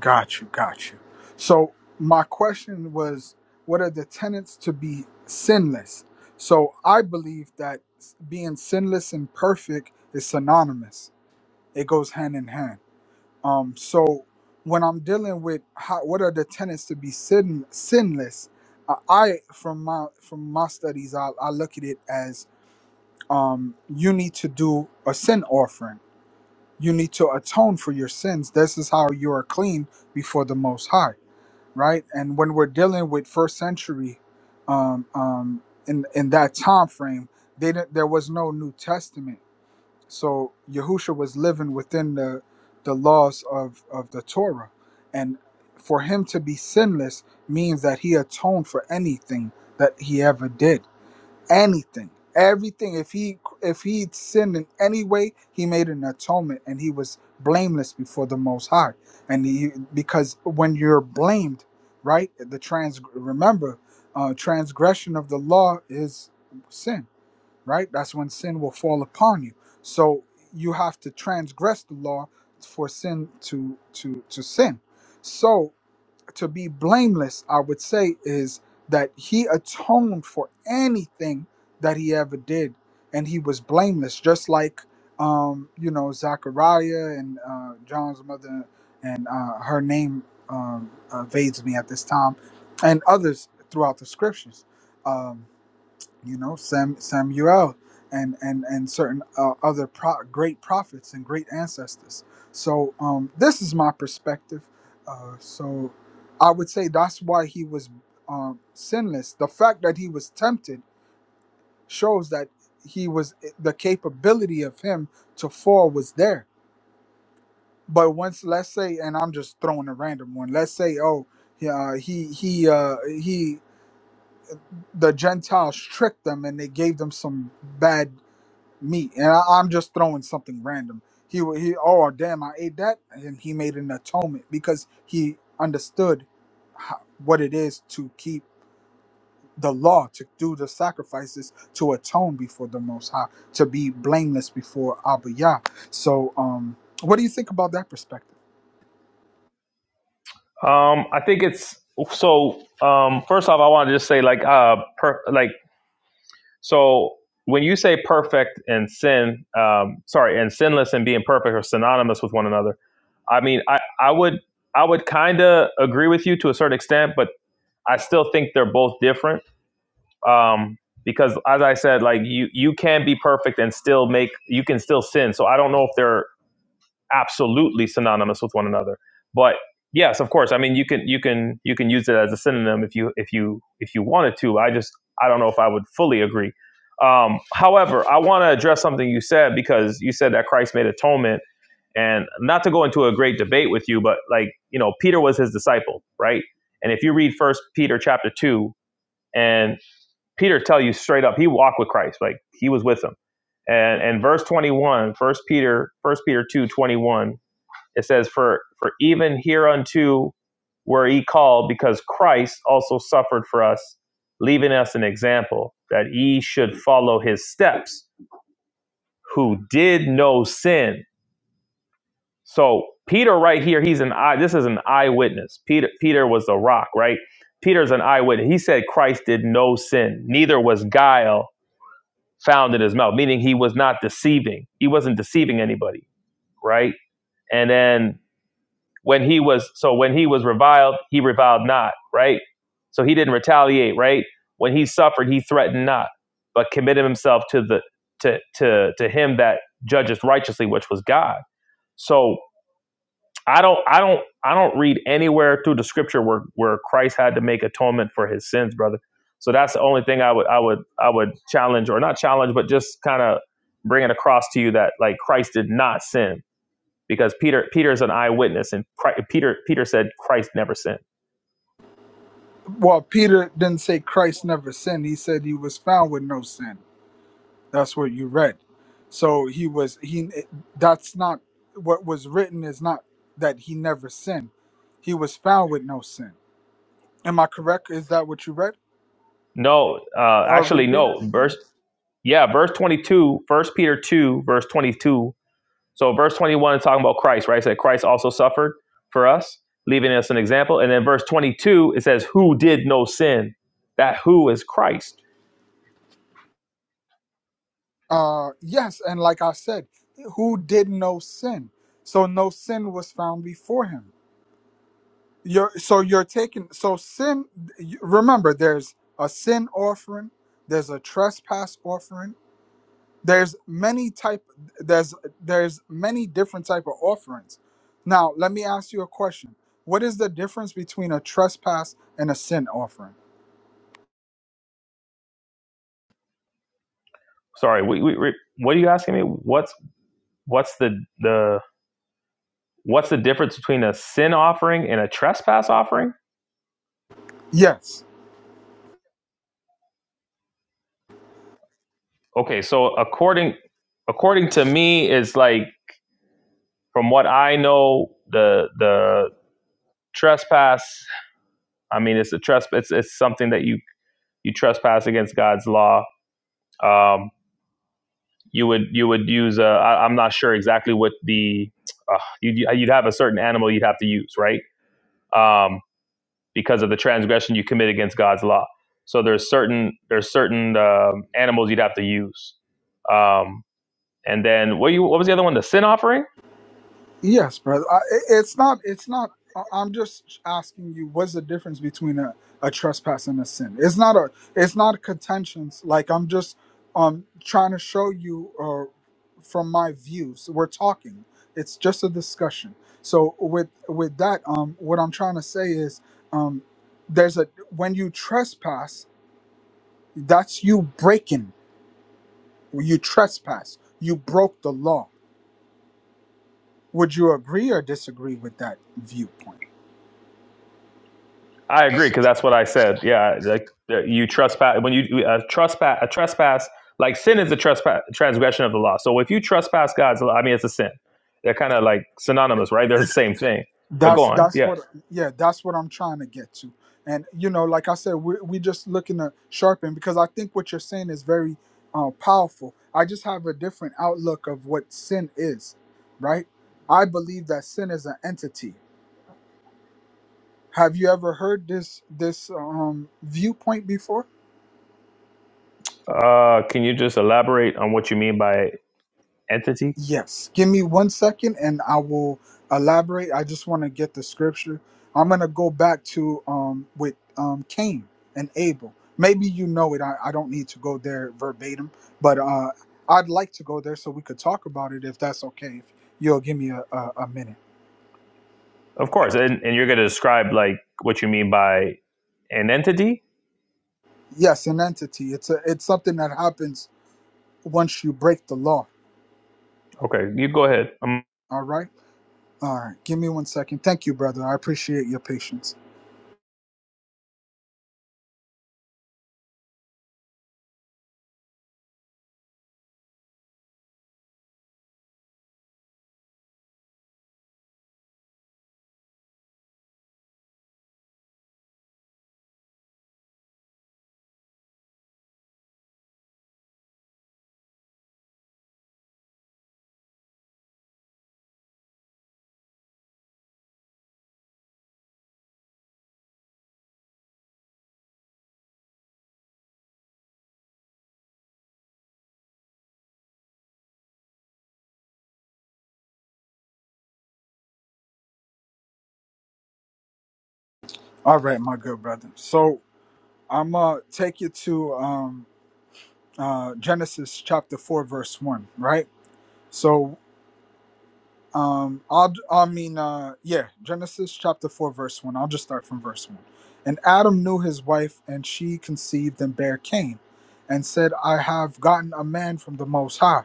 S1: Got you, got you. So my question was, what are the tenets to be sinless? So I believe that s- being sinless and perfect is synonymous. It goes hand in hand. Um, so when I'm dealing with how, what are the tenets to be sin, sinless, I I- from my from my studies, I, I look at it as um, you need to do a sin offering you need to atone for your sins. This is how you are clean before the Most High, right? And when we're dealing with first century, um, um, in in that time frame, they didn't, there was no New Testament, so Yahusha was living within the the laws of of the Torah, and for him to be sinless means that he atoned for anything that he ever did anything everything if he if he sinned in any way he made an atonement and he was blameless before the most high and he because when you're blamed right the trans remember uh transgression of the law is sin right that's when sin will fall upon you so you have to transgress the law for sin to to to sin so to be blameless, I would say, is that he atoned for anything that he ever did, and he was blameless, just like um, you know Zachariah and uh, John's mother, and uh, her name um, evades me at this time, and others throughout the scriptures. Um, you know Sam, Samuel and and and certain uh, other pro- great prophets and great ancestors. So um, this is my perspective. Uh, so I would say that's why he was um, sinless. The fact that he was tempted shows that he was eh, the capability of him to fall was there. But once let's say, and I'm just throwing a random one. Let's say, oh, yeah, he he uh, he the Gentiles tricked them and they gave them some bad meat, and I, I'm just throwing something random. He wa- he. Oh damn! I ate that, and he made an atonement because he understood ho- what it is to keep the law, to do the sacrifices, to atone before the Most High, to be blameless before Abba Yah. So, um, what do you think about that perspective?
S3: Um I think it's so um first off I want to just say like uh per, like so when you say perfect and sin, um sorry, and sinless and being perfect are synonymous with one another. I mean I, I would I would kinda agree with you to a certain extent, but I still think they're both different um, because as I said, like you you can be perfect and still make you can still sin. So I don't know if they're absolutely synonymous with one another, but yes, of course. I mean, you can you can you can use it as a synonym if you if you if you wanted to. I just I don't know if I would fully agree. Um, however, I want to address something you said because you said that Christ made atonement, and not to go into a great debate with you, but like you know, Peter was his disciple, right? And if you read First Peter chapter two, and Peter tell you straight up, he walked with Christ, like he was with him. And and verse 21, first Peter, first Peter 2 21, it says, For for even hereunto were ye called, because Christ also suffered for us, leaving us an example, that ye should follow his steps, who did no sin. So Peter right here, he's an eye, this is an eyewitness. Peter Peter was the rock, right? Peter's an eyewitness. He said Christ did no sin, neither was guile found in his mouth, meaning he was not deceiving. He wasn't deceiving anybody, right? And then when he was so when he was reviled, he reviled not, right? So he didn't retaliate, right? When he suffered, he threatened not, but committed himself to the to to to him that judges righteously, which was God. So I don't I don't I don't read anywhere through the scripture where where Christ had to make atonement for his sins, brother. So that's the only thing I would I would I would challenge or not challenge, but just kind of bring it across to you that like Christ did not sin because Peter Peter is an eyewitness and Christ, Peter Peter said Christ never sinned.
S1: Well, Peter didn't say Christ never sinned. He said he was found with no sin. That's what you read. So he was he that's not what was written is not that he never sinned. He was found with no sin. Am I correct? Is that what you read?
S3: No, uh,
S1: Uh
S3: actually,
S1: repeat it
S3: no.
S1: again.
S3: Verse, yeah, verse 22, First Peter 2, verse 22. So, verse 21 is talking about Christ, right? It said Christ also suffered for us, leaving us an example. And then verse 22, it says, Who did no sin? That who is Christ.
S1: Uh yes, and like I said, who did no sin? So no sin was found before him. You're so you're taking so sin you- remember there's a sin offering, there's a trespass offering, there's many type there's there's many different type of offerings now let me ask you a question what is the difference between a trespass and a sin offering
S3: Sorry, we, we, we- what are you asking me? What's what's the the What's the difference between a sin offering and a trespass offering?
S1: yes
S3: Okay, so according according to me is like from what I know, the the trespass. I mean, it's a trespass. It's, it's something that you you trespass against God's law. Um, you would you would use a. I, I'm not sure exactly what the uh, you'd you'd have a certain animal you'd have to use, right? Um, because of the transgression you commit against God's law. So there's certain there's certain um animals you'd have to use. Um, and then what you what was the other one? The sin offering.
S1: Yes, brother. I, it- it's not. It's not. I- I'm just asking you. What's the difference between a, a trespass and a sin? It's not a. It's not contentions. Like I'm just um trying to show you uh, from my views. We're talking. It's just a discussion. So with with that, um, what I'm trying to say is, um, there's a when you trespass, that's you breaking. You trespass. You broke the law. Would you agree or disagree with that viewpoint?
S3: I agree because that's what I said. Yeah, like uh, you trespass when you uh, trespass a trespass like sin is a trespass transgression of the law. So if you trespass God's law, I mean it's a sin. They're kind of like synonymous, right? They're the same thing. But go
S1: That's
S3: on.
S1: that's
S3: Yeah.
S1: what yeah, that's what I'm trying to get to. And you know, like I said, we're we just looking to sharpen because I think what you're saying is very uh, powerful. I just have a different outlook of what sin is, right? I believe that sin is an entity. Have you ever heard this this um, viewpoint before?
S3: Uh, can you just elaborate on what you mean by entity?
S1: Yes. Give me one second and I will elaborate. I just want to get the scripture. I'm going to go back to um, with um, Cain and Abel. Maybe you know it. I, I don't need to go there verbatim, but uh, I'd like to go there so we could talk about it if that's okay. If you'll give me a, a, a minute.
S3: Of course, and, and you're going to describe like what you mean by an entity.
S1: Yes, an entity. It's a, it's something that happens once you break the law.
S3: Okay, you go ahead. Um,
S1: All right. All right. Give me one second. Thank you, brother. I appreciate your patience. All right, my good brother. So I'm gonna take you to um, uh, Genesis chapter four, verse one. Right. So, um, I'll, I mean, uh, yeah, Genesis chapter four, verse one. I'll just start from verse one. And Adam knew his wife, and she conceived and bare Cain, and said, "I have gotten a man from the Most High."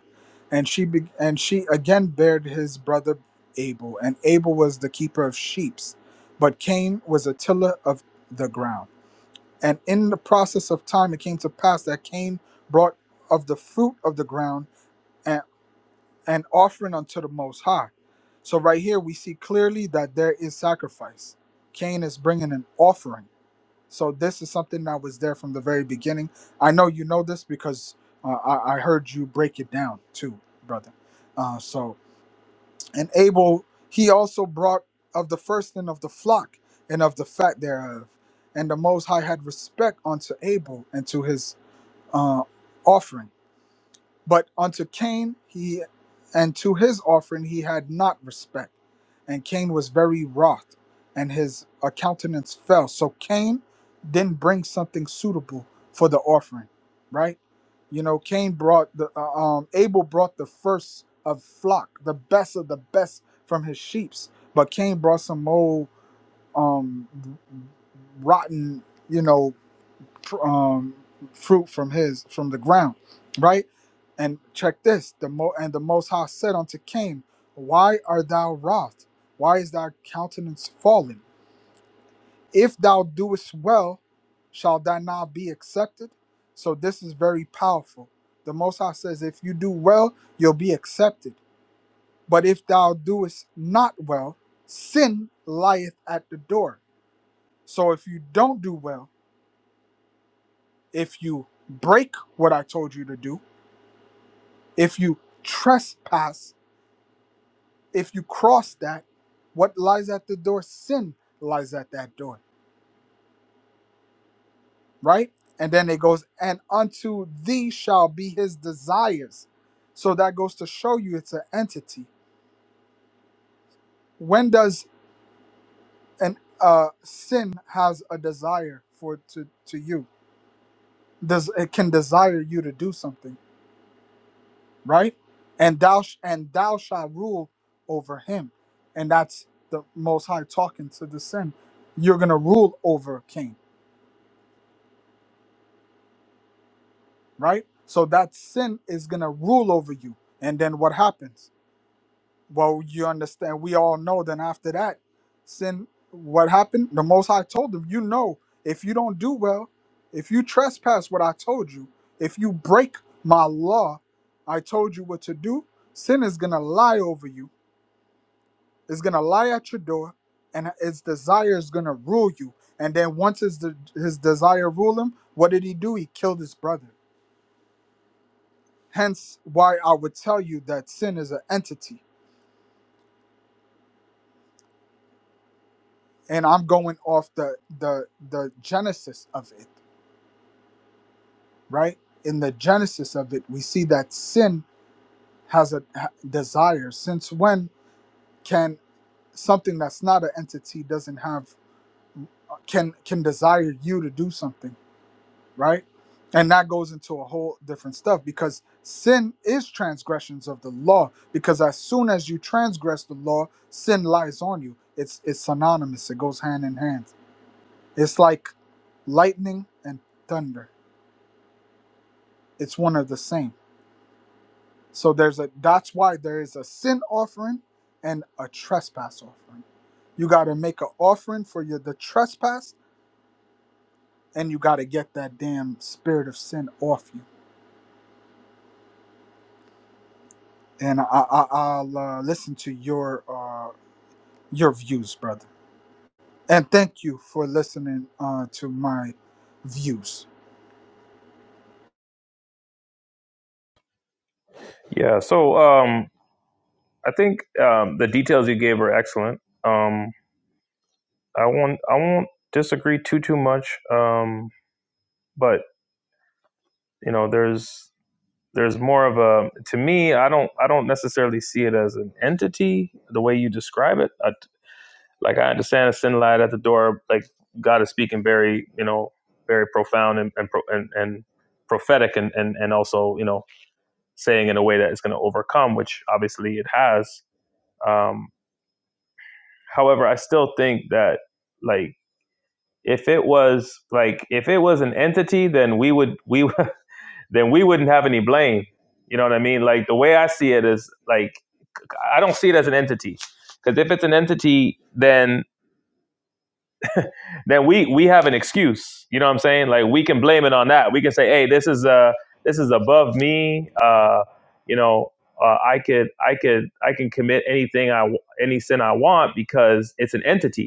S1: And she be- and she again bared his brother Abel, and Abel was the keeper of sheep, but Cain was a tiller of the ground. And in the process of time, it came to pass that Cain brought of the fruit of the ground and an offering unto the Most High. So right here, we see clearly that there is sacrifice. Cain is bringing an offering. So this is something that was there from the very beginning. I know you know this because uh, I, I heard you break it down too, brother. Uh, so and Abel he also brought of the firstling of the flock and of the fat thereof. And the Most High had respect unto Abel and to his uh, offering. But unto Cain he and to his offering he had not respect. And Cain was very wroth, and his uh, countenance fell. So Cain didn't bring something suitable for the offering, right? You know, Cain brought the uh, um Abel brought the first of flock, the best of the best from his sheep's, but Cain brought some old um rotten, you know, pr- um, fruit from his from the ground, right? And check this: the mo and the Most High said unto Cain, Why art thou wroth? Why is thy countenance fallen? If thou doest well, shall thy not be accepted? So this is very powerful. The Most High says, if you do well, you'll be accepted. But if thou doest not well, sin lieth at the door. So if you don't do well, if you break what I told you to do, If you trespass, if you cross that, what lies at the door? Sin lies at that door, right? And then it goes, and unto thee shall be his desires. So that goes to show you it's an entity. When does an uh, sin has a desire for to to you? Does it can desire you to do something? right? And thou sh- and thou shalt rule over him, and that's the Most High talking to the sin. You're gonna rule over Cain, right? So that sin is gonna rule over you, and then what happens? Well, you understand. We all know. Then after that, sin. What happened? The Most High told them, you know, if you don't do well, if you trespass what I told you, if you break my law, I told you what to do. Sin is gonna lie over you It's gonna lie at your door, and its desire is gonna rule you. And then once his de- his desire rule him, what did he do? He killed his brother. Hence, why I would tell you that sin is an entity, and I'm going off the the the genesis of it. Right in the genesis of it, we see that sin has a ha- desire. Since when can something that's not an entity doesn't have can can desire you to do something? right? And that goes into a whole different stuff because sin is transgressions of the law. Because as soon as you transgress the law, sin lies on you. It's it's synonymous. It goes hand in hand. It's like lightning and thunder. It's one of the same. So there's a that's why there is a sin offering and a trespass offering. You got to make an offering for your the trespass, and you got to get that damn spirit of sin off you and I, I, I'll uh, listen to your uh, your views, brother. And thank you for listening uh, to my views.
S3: yeah. So um, I think um, the details you gave are excellent. Um, I won't I won't disagree too too much. Um, but you know, there's there's more of a to me i don't i don't necessarily see it as an entity the way you describe it I, like i understand a sin light at the door like god is speaking very you know very profound and and and, and prophetic and, and and also you know saying in a way that it's going to overcome which obviously it has um however i still think that like if it was like if it was an entity then we would we [laughs] then we wouldn't have any blame you know what i mean like the way i see it is like I don't see it as an entity. Because if it's an entity, then then we we have an excuse. You know what I'm saying? Like we can blame it on that. We can say, hey, this is uh this is above me. Uh, you know, uh, I could I could I can commit anything I any sin I want because it's an entity.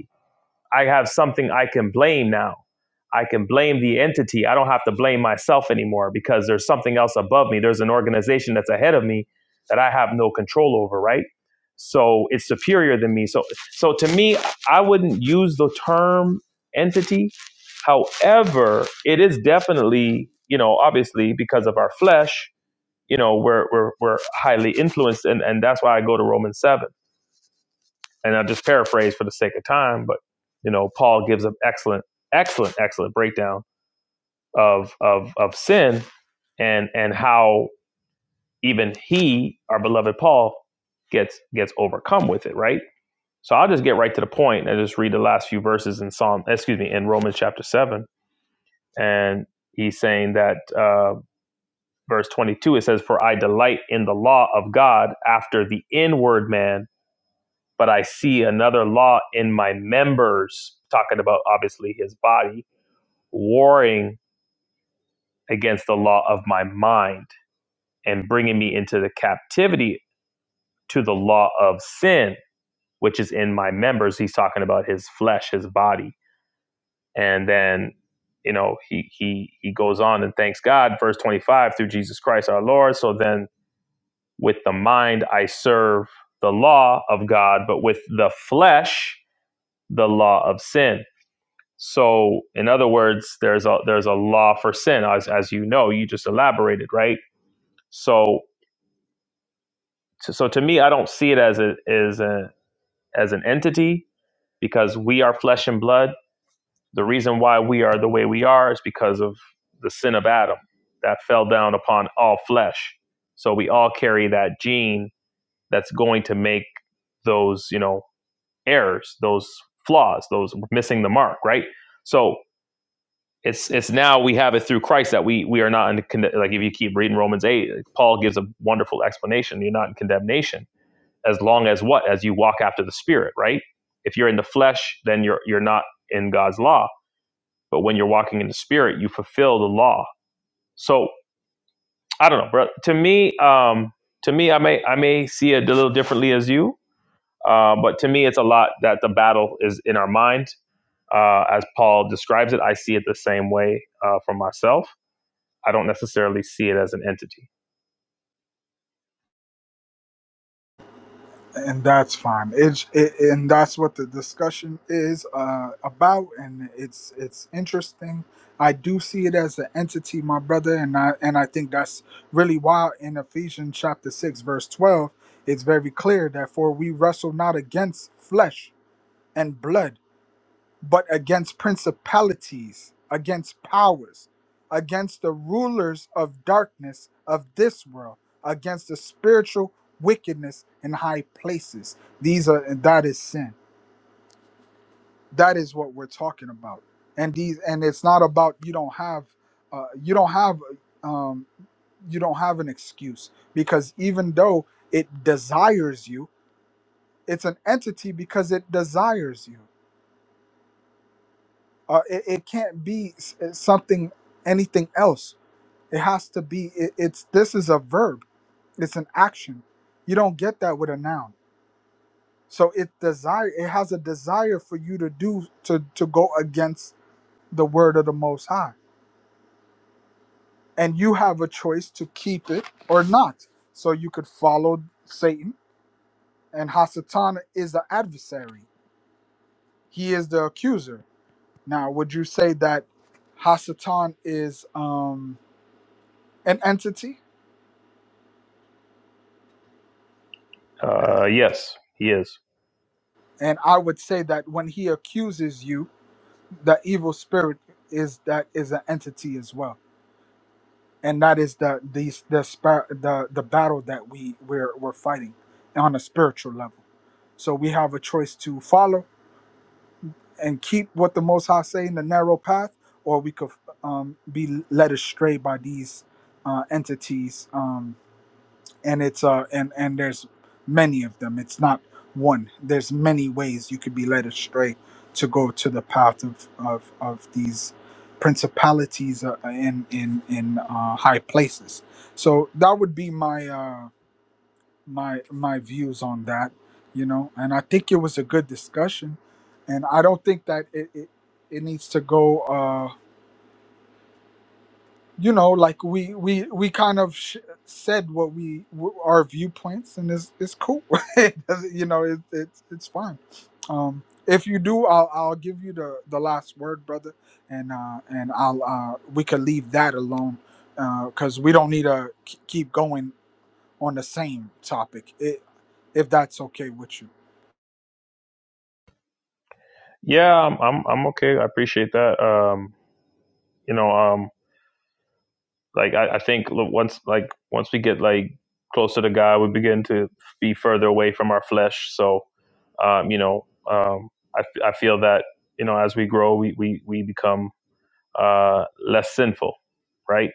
S3: I have something I can blame now. I can blame the entity. I don't have to blame myself anymore because there's something else above me. There's an organization that's ahead of me that I have no control over, right? So it's superior than me. So so to me, I wouldn't use the term entity. However, it is definitely, you know, obviously because of our flesh, you know, we're we're, we're highly influenced and, and that's why I go to Romans 7 and I'll just paraphrase for the sake of time, but you know, Paul gives an excellent, excellent, excellent breakdown of of of sin and and how even he, our beloved Paul, gets gets overcome with it, right? So I'll just get right to the point and just read the last few verses in Psalm, excuse me, in Romans chapter seven, and he's saying that uh, verse twenty two it says, "For I delight in the law of God after the inward man." but I see another law in my members, talking about obviously his body, warring against the law of my mind and bringing me into the captivity to the law of sin, which is in my members. He's talking about his flesh, his body. And then, you know, he, he, he goes on and thanks God, verse 25, through Jesus Christ our Lord. So then with the mind, I serve the law of God, but with the flesh, the law of sin. So, in other words, there's a there's a law for sin, as as you know, you just elaborated, right? So, so to me, I don't see it as a as a as an entity because we are flesh and blood. The reason why we are the way we are is because of the sin of Adam that fell down upon all flesh. So we all carry that gene that's going to make those you know errors, those flaws, those missing the mark, right? So it's it's now we have it through Christ that we we are not in conde- like if you keep reading Romans eight, Paul gives a wonderful explanation. You're not in condemnation as long as what as you walk after the Spirit, right? If you're in the flesh, then you're you're not in God's law. But when you're walking in the Spirit, you fulfill the law. So I don't know, bro. To me, um, to me, I may I may see it a little differently as you, uh, but to me, it's a lot that the battle is in our mind, uh, as Paul describes it. I see it the same way uh, for myself I don't necessarily see it as an entity.
S1: And that's fine. It's it, and that's what the discussion is uh, about, and it's it's interesting. I do see it as an entity, my brother, and I and I think that's really why in Ephesians chapter six verse twelve, it's very clear that for we wrestle not against flesh and blood but against principalities, against powers, against the rulers of darkness of this world, against the spiritual wickedness in high places. These are and that is sin. That is what we're talking about. And these and it's not about you don't have uh, you don't have um, you don't have an excuse because even though it desires you, it's an entity because it desires you. Uh, it, it can't be s- eh, something, anything else. It has to be. It, it's this is a verb. It's an action. You don't get that with a noun. So it desire. It has a desire for you to do to to go against the word of the Most High, and you have a choice to keep it or not. So you could follow Satan, and Hasatan is the adversary. He is the accuser. Now, would you say that Hasatan is um, an entity?
S3: Uh, yes, he is.
S1: And I would say that when he accuses you, the evil spirit is that is an entity as well, and that is the the the spir- the, the battle that we we're, we're fighting on a spiritual level. So we have a choice to follow and keep what the Most High say in the narrow path, or we could um, be led astray by these uh, entities. Um, and it's uh and and there's many of them it's not one there's many ways you could be led astray to go to the path of of, of these principalities uh, in in in uh, high places so that would be my uh my my views on that you know and i think it was a good discussion and i don't think that it it, it needs to go uh you know like we we we kind of sh- said what we w- our viewpoints and it's it's cool [laughs] it doesn't- you know it, it's it's fine um if you do i'll i'll give you the the last word brother and uh and i'll uh we could leave that alone uh because we don't need to k- keep going on the same topic it, if that's okay with you
S3: Yeah, I'm, I'm, I'm okay. I appreciate that. Um, you know, um, like I, I think look, once, like once we get like closer to God, we begin to be further away from our flesh. So, um, you know, um, I, I feel that you know as we grow, we we we become uh, less sinful, right?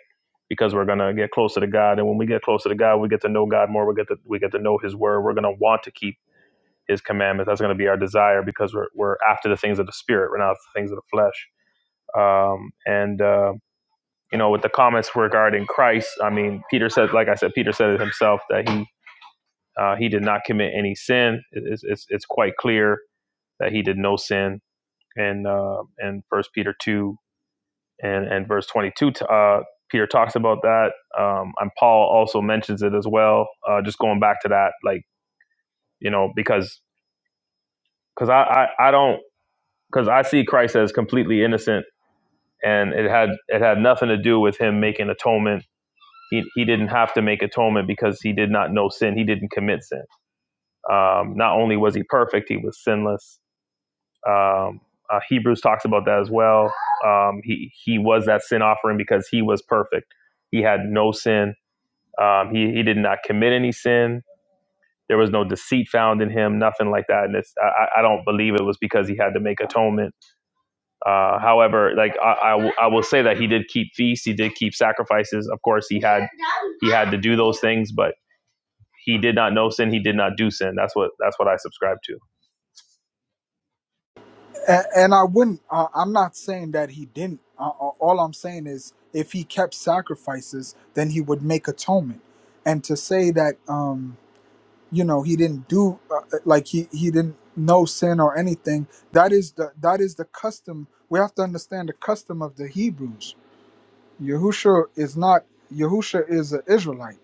S3: Because we're gonna get closer to God, and when we get closer to God, we get to know God more. We get to we get to know His Word. We're gonna want to keep His commandments. That's gonna be our desire because we're we're after the things of the Spirit. We're not after the things of the flesh. Um, and uh, you know, with the comments regarding Christ, I mean, Peter said, like I said, Peter said it himself that he uh, he did not commit any sin. It's, it's it's quite clear that he did no sin. And uh, and First Peter two and and verse 22 uh, peter talks about that um, and paul also mentions it as well uh, just going back to that like you know because because I, I i don't because i see christ as completely innocent and it had it had nothing to do with him making atonement he, he didn't have to make atonement because he did not know sin he didn't commit sin um, not only was he perfect he was sinless um, uh, hebrews talks about that as well um, he he was that sin offering because he was perfect he had no sin Um, he he did not commit any sin. There was no deceit found in him, nothing like that. And it's, I, I don't believe it was because he had to make atonement. Uh, however, like I, I w- I will say that he did keep feasts, he did keep sacrifices. Of course, he had he had to do those things, but he did not know sin. He did not do sin. That's what that's what I subscribe to.
S1: A- and I wouldn't. Uh, I'm not saying that he didn't. Uh, uh, all I'm saying is, if he kept sacrifices, then he would make atonement. And to say that, um, you know, he didn't do uh, uh, like he he didn't know sin or anything. That is the that is the custom. We have to understand the custom of the Hebrews. Yahusha is not. Yahusha is an Israelite.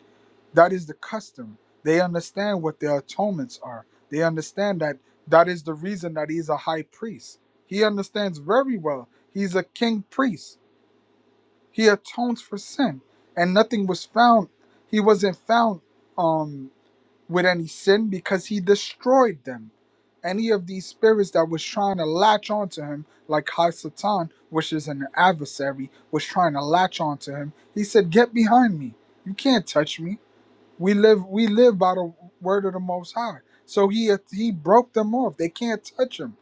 S1: That is the custom. They understand what their atonements are. They understand that that is the reason that he's a high priest. He understands very well. He's a king priest. He atones for sin, and nothing was found. He wasn't found um, with any sin because he destroyed them. Any of these spirits that was trying to latch onto him, like High Satan, which is an adversary, was trying to latch onto him. He said, "Get behind me! You can't touch me! We live we live by the word of the Most High. So he he broke them off. They can't touch him.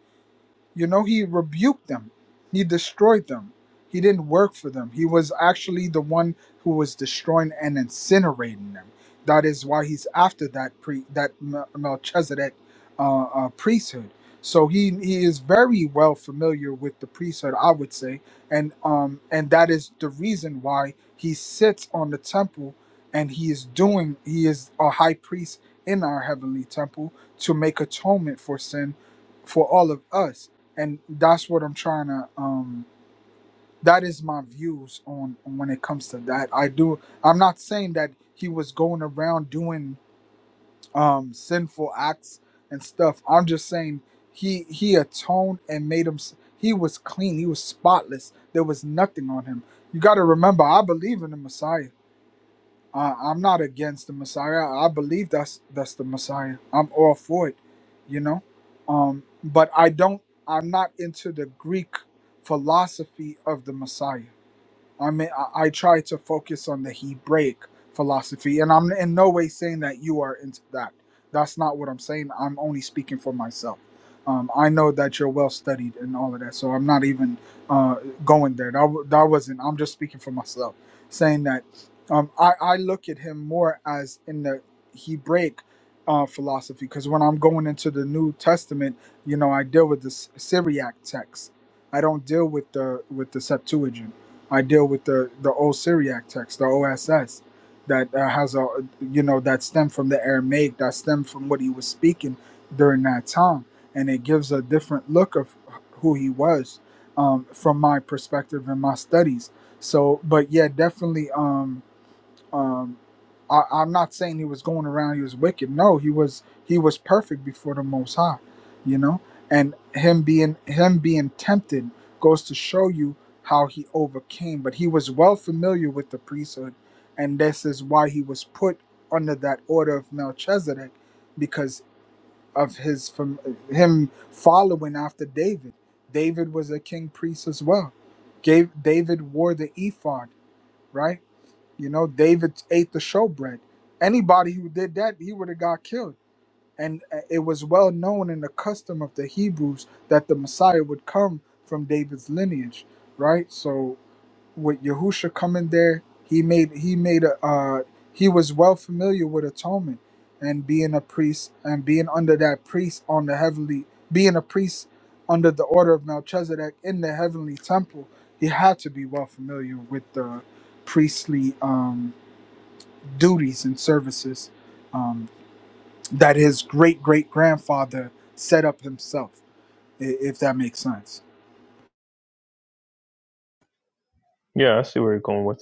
S1: You know, he rebuked them, he destroyed them. He didn't work for them. He was actually the one who was destroying and incinerating them. That is why he's after that pre that Mel- Melchizedek uh, uh, priesthood. So he he is very well familiar with the priesthood, I would say, and um and that is the reason why he sits on the temple and he is doing he is a high priest in our heavenly temple to make atonement for sin for all of us and that's what I'm trying to um that is my views on, on when it comes to that. I do I'm not saying that he was going around doing um sinful acts and stuff. I'm just saying he he atoned and made him s- he was clean, he was spotless. There was nothing on him. You got to remember I believe in the Messiah. I, I'm not against the Messiah. I believe that's that's the Messiah. I'm all for it, you know. Um, but I don't. I'm not into the Greek philosophy of the Messiah. I mean, I, I try to focus on the Hebraic philosophy, and I'm in no way saying that you are into that. That's not what I'm saying. I'm only speaking for myself. Um, I know that you're well studied and all of that, so I'm not even uh, going there. That w- that wasn't. I'm just speaking for myself, saying that um, I I look at him more as in the Hebraic uh, philosophy because when I'm going into the New Testament, you know, I deal with the S- Syriac text. I don't deal with the with the Septuagint. I deal with the the old Syriac text, the OSS, that uh, has a you know that stem from the Aramaic, that stem from what he was speaking during that time, and it gives a different look of who he was um, from my perspective and my studies. So, but yeah, definitely. Um, um, I, I'm not saying he was going around. He was wicked. No, he was he was perfect before the Most High, you know. And him being him being tempted goes to show you how he overcame. But he was well familiar with the priesthood, and this is why he was put under that order of Melchizedek, because of his from him following after David. David was a king priest as well. Gave David wore the ephod, right? You know, David ate the showbread. Anybody who did that, he would have got killed. And uh, it was well known in the custom of the Hebrews that the Messiah would come from David's lineage, right? So with Yahusha coming there, he made he made a uh, he was well familiar with atonement and being a priest and being under that priest on the heavenly being a priest under the order of Melchizedek in the heavenly temple. He had to be well familiar with the priestly. Um, duties and services um, that his great great grandfather set up himself, i- if that makes sense.
S3: Yeah, I see where you're going with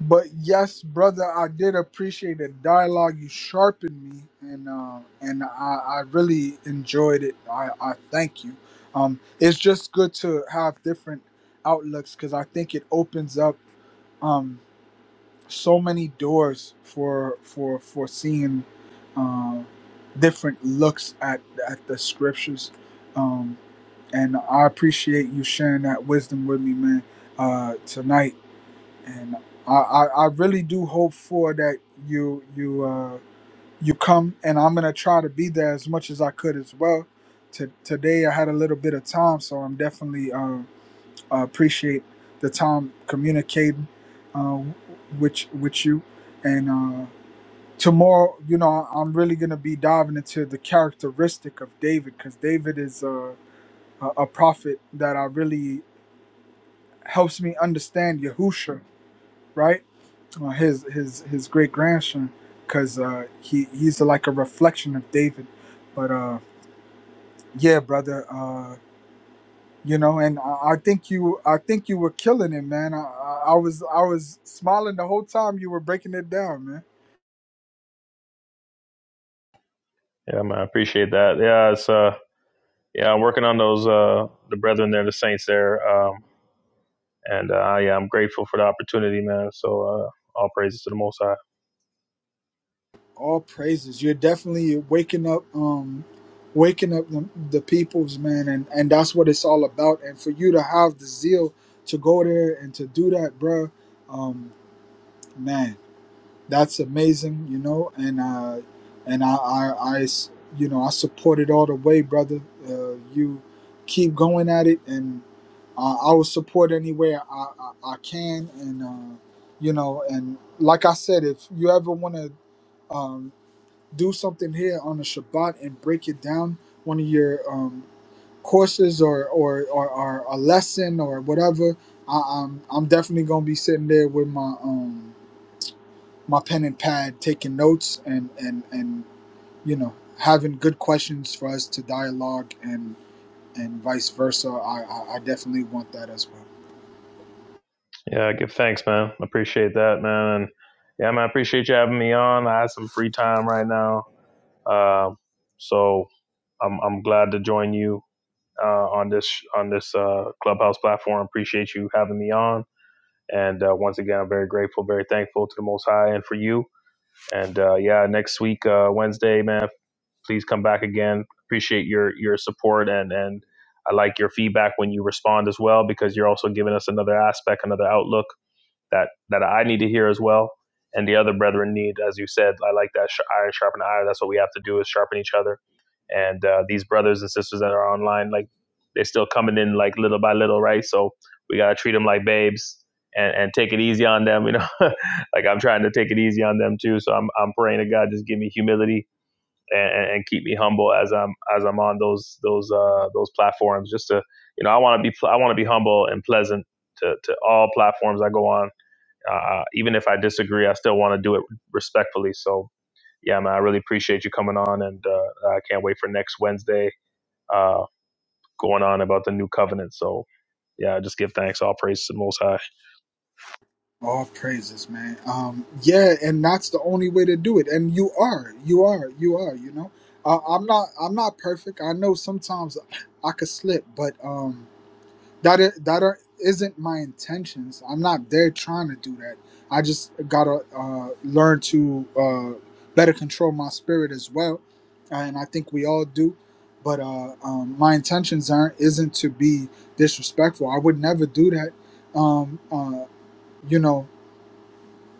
S1: But yes, brother, I did appreciate the dialogue. You sharpened me, and uh, and I, I really enjoyed it. I, I thank you. Um, it's just good to have different outlooks because I think it opens up. Um, so many doors for for for seeing um, different looks at at the scriptures, um, and I appreciate you sharing that wisdom with me, man, uh, tonight. And I, I I really do hope for that you you uh, you come, and I'm gonna try to be there as much as I could as well. To, today I had a little bit of time, so I'm definitely. uh, I uh, appreciate the time communicating uh, with with you. And uh, tomorrow, you know, I'm really gonna be diving into the characteristic of David because David is uh, a, a prophet that I really helps me understand Yahusha, right? Uh, his his his great grandson, because uh, he he's like a reflection of David. But uh, yeah, brother. Uh, you know and I, I think you i think you were killing it man I, I I was i was smiling the whole time you were breaking it down man
S3: Yeah, man, I appreciate that. Yeah, it's uh, yeah, I'm working on those uh, the brethren there, the saints there, um, and uh, yeah, I'm grateful for the opportunity, man. So uh, all praises to the Most High.
S1: all praises you're definitely waking up um waking up the, the peoples man and and that's what it's all about and for you to have the zeal to go there and to do that bruh, um man that's amazing, you know, and uh, and I, I, I s- you know, I support it all the way, brother. Uh, you keep going at it, and uh, I will support anywhere I, I, I can, and uh, you know, and like I said, if you ever want to um, do something here on the Shabbat and break it down, one of your um, courses or, or or or a lesson or whatever, I, I'm I'm definitely gonna be sitting there with my um my pen and pad taking notes and and and you know having good questions for us to dialogue and and vice versa i i, I definitely want that as well
S3: Yeah, give thanks, man. I Appreciate that, man. And yeah, man, I appreciate you having me on. I have some free time right now. Um, so I'm I'm glad to join you uh, on this on this uh, clubhouse platform. Appreciate you having me on. And uh, once again, I'm very grateful, very thankful to the Most High and for you. And uh, yeah, next week uh, Wednesday, man, please come back again. Appreciate your your support and and I like your feedback when you respond as well because you're also giving us another aspect, another outlook that that I need to hear as well, and the other brethren need, as you said. I like that iron sharpen iron. That's what we have to do is sharpen each other. And uh, these brothers and sisters that are online, like they're still coming in like little by little, right? So we gotta treat them like babes and, and take it easy on them. You know, [laughs] like I'm trying to take it easy on them too. So I'm I'm praying to God just give me humility and, and, keep me humble as I'm as I'm on those those uh, those platforms. Just to you know, I want to be I want to be humble and pleasant to to all platforms I go on uh, even if I disagree, I still want to do it respectfully. So, yeah, man, I really appreciate you coming on, and uh, I can't wait for next Wednesday uh, going on about the new covenant. So, yeah, just give thanks, all praise to the Most High.
S1: all praises man um yeah and that's the only way to do it and you are you are you are you know uh, i'm not i'm not perfect i know sometimes i could slip but um that is, that are, isn't my intentions. I'm not there trying to do that. I just gotta uh, learn to uh, better control my spirit as well, and I think we all do. But uh, um, my intentions aren't isn't to be disrespectful. I would never do that. Um, uh, you know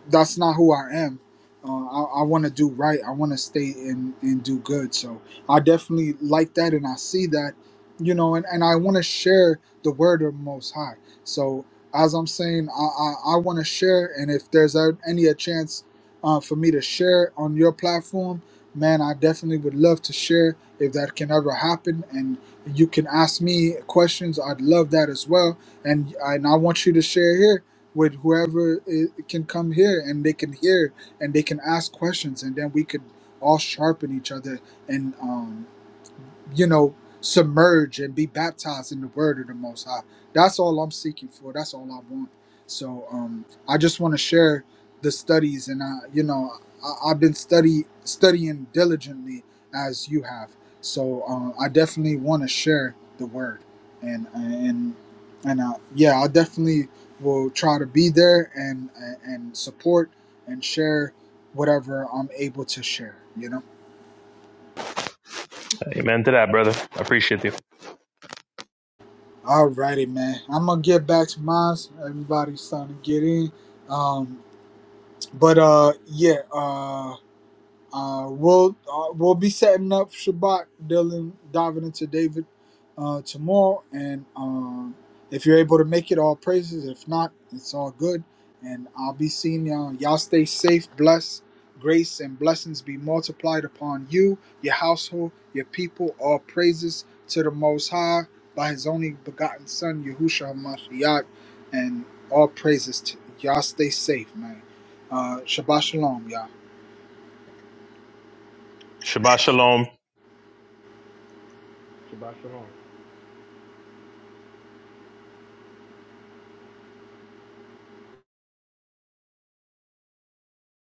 S1: that's not who I am. Uh, I, I want to do right. I want to stay and, and do good. So I definitely like that, and I see that, you know, and, and I want to share the word of Most High. So as I'm saying, I I, I want to share, and if there's a, any a chance uh, for me to share on your platform, man, I definitely would love to share if that can ever happen. And you can ask me questions. I'd love that as well. And and I want you to share here with whoever i can come here and they can hear and they can ask questions and then we could all sharpen each other and um, you know, submerge and be baptized in the word of the Most High. That's all I'm seeking for. That's all I want. So um, I just want to share the studies, and I, you know, I, I've been study studying diligently as you have. So um, I definitely want to share the word, and and and uh, yeah, I definitely will try to be there and and support and share whatever I'm able to share. You know.
S3: Amen to that, brother. I appreciate you.
S1: Alrighty, man. I'm gonna get back to mine. Everybody's starting to get in. Um, but uh, yeah. Uh, uh, we'll uh, we'll be setting up Shabbat, Dylan, diving into David uh, tomorrow, and um, if you're able to make it, all praises. If not, it's all good. And I'll be seeing y'all. Y'all stay safe, blessed, grace and blessings be multiplied upon you, your household, your people. All praises to the Most High by His only begotten Son, Yahushua Hamashiach, and all praises to y'all. Stay safe, man. Uh, Shabbat shalom, y'all.
S3: Shabbat shalom.
S4: Shabbat shalom.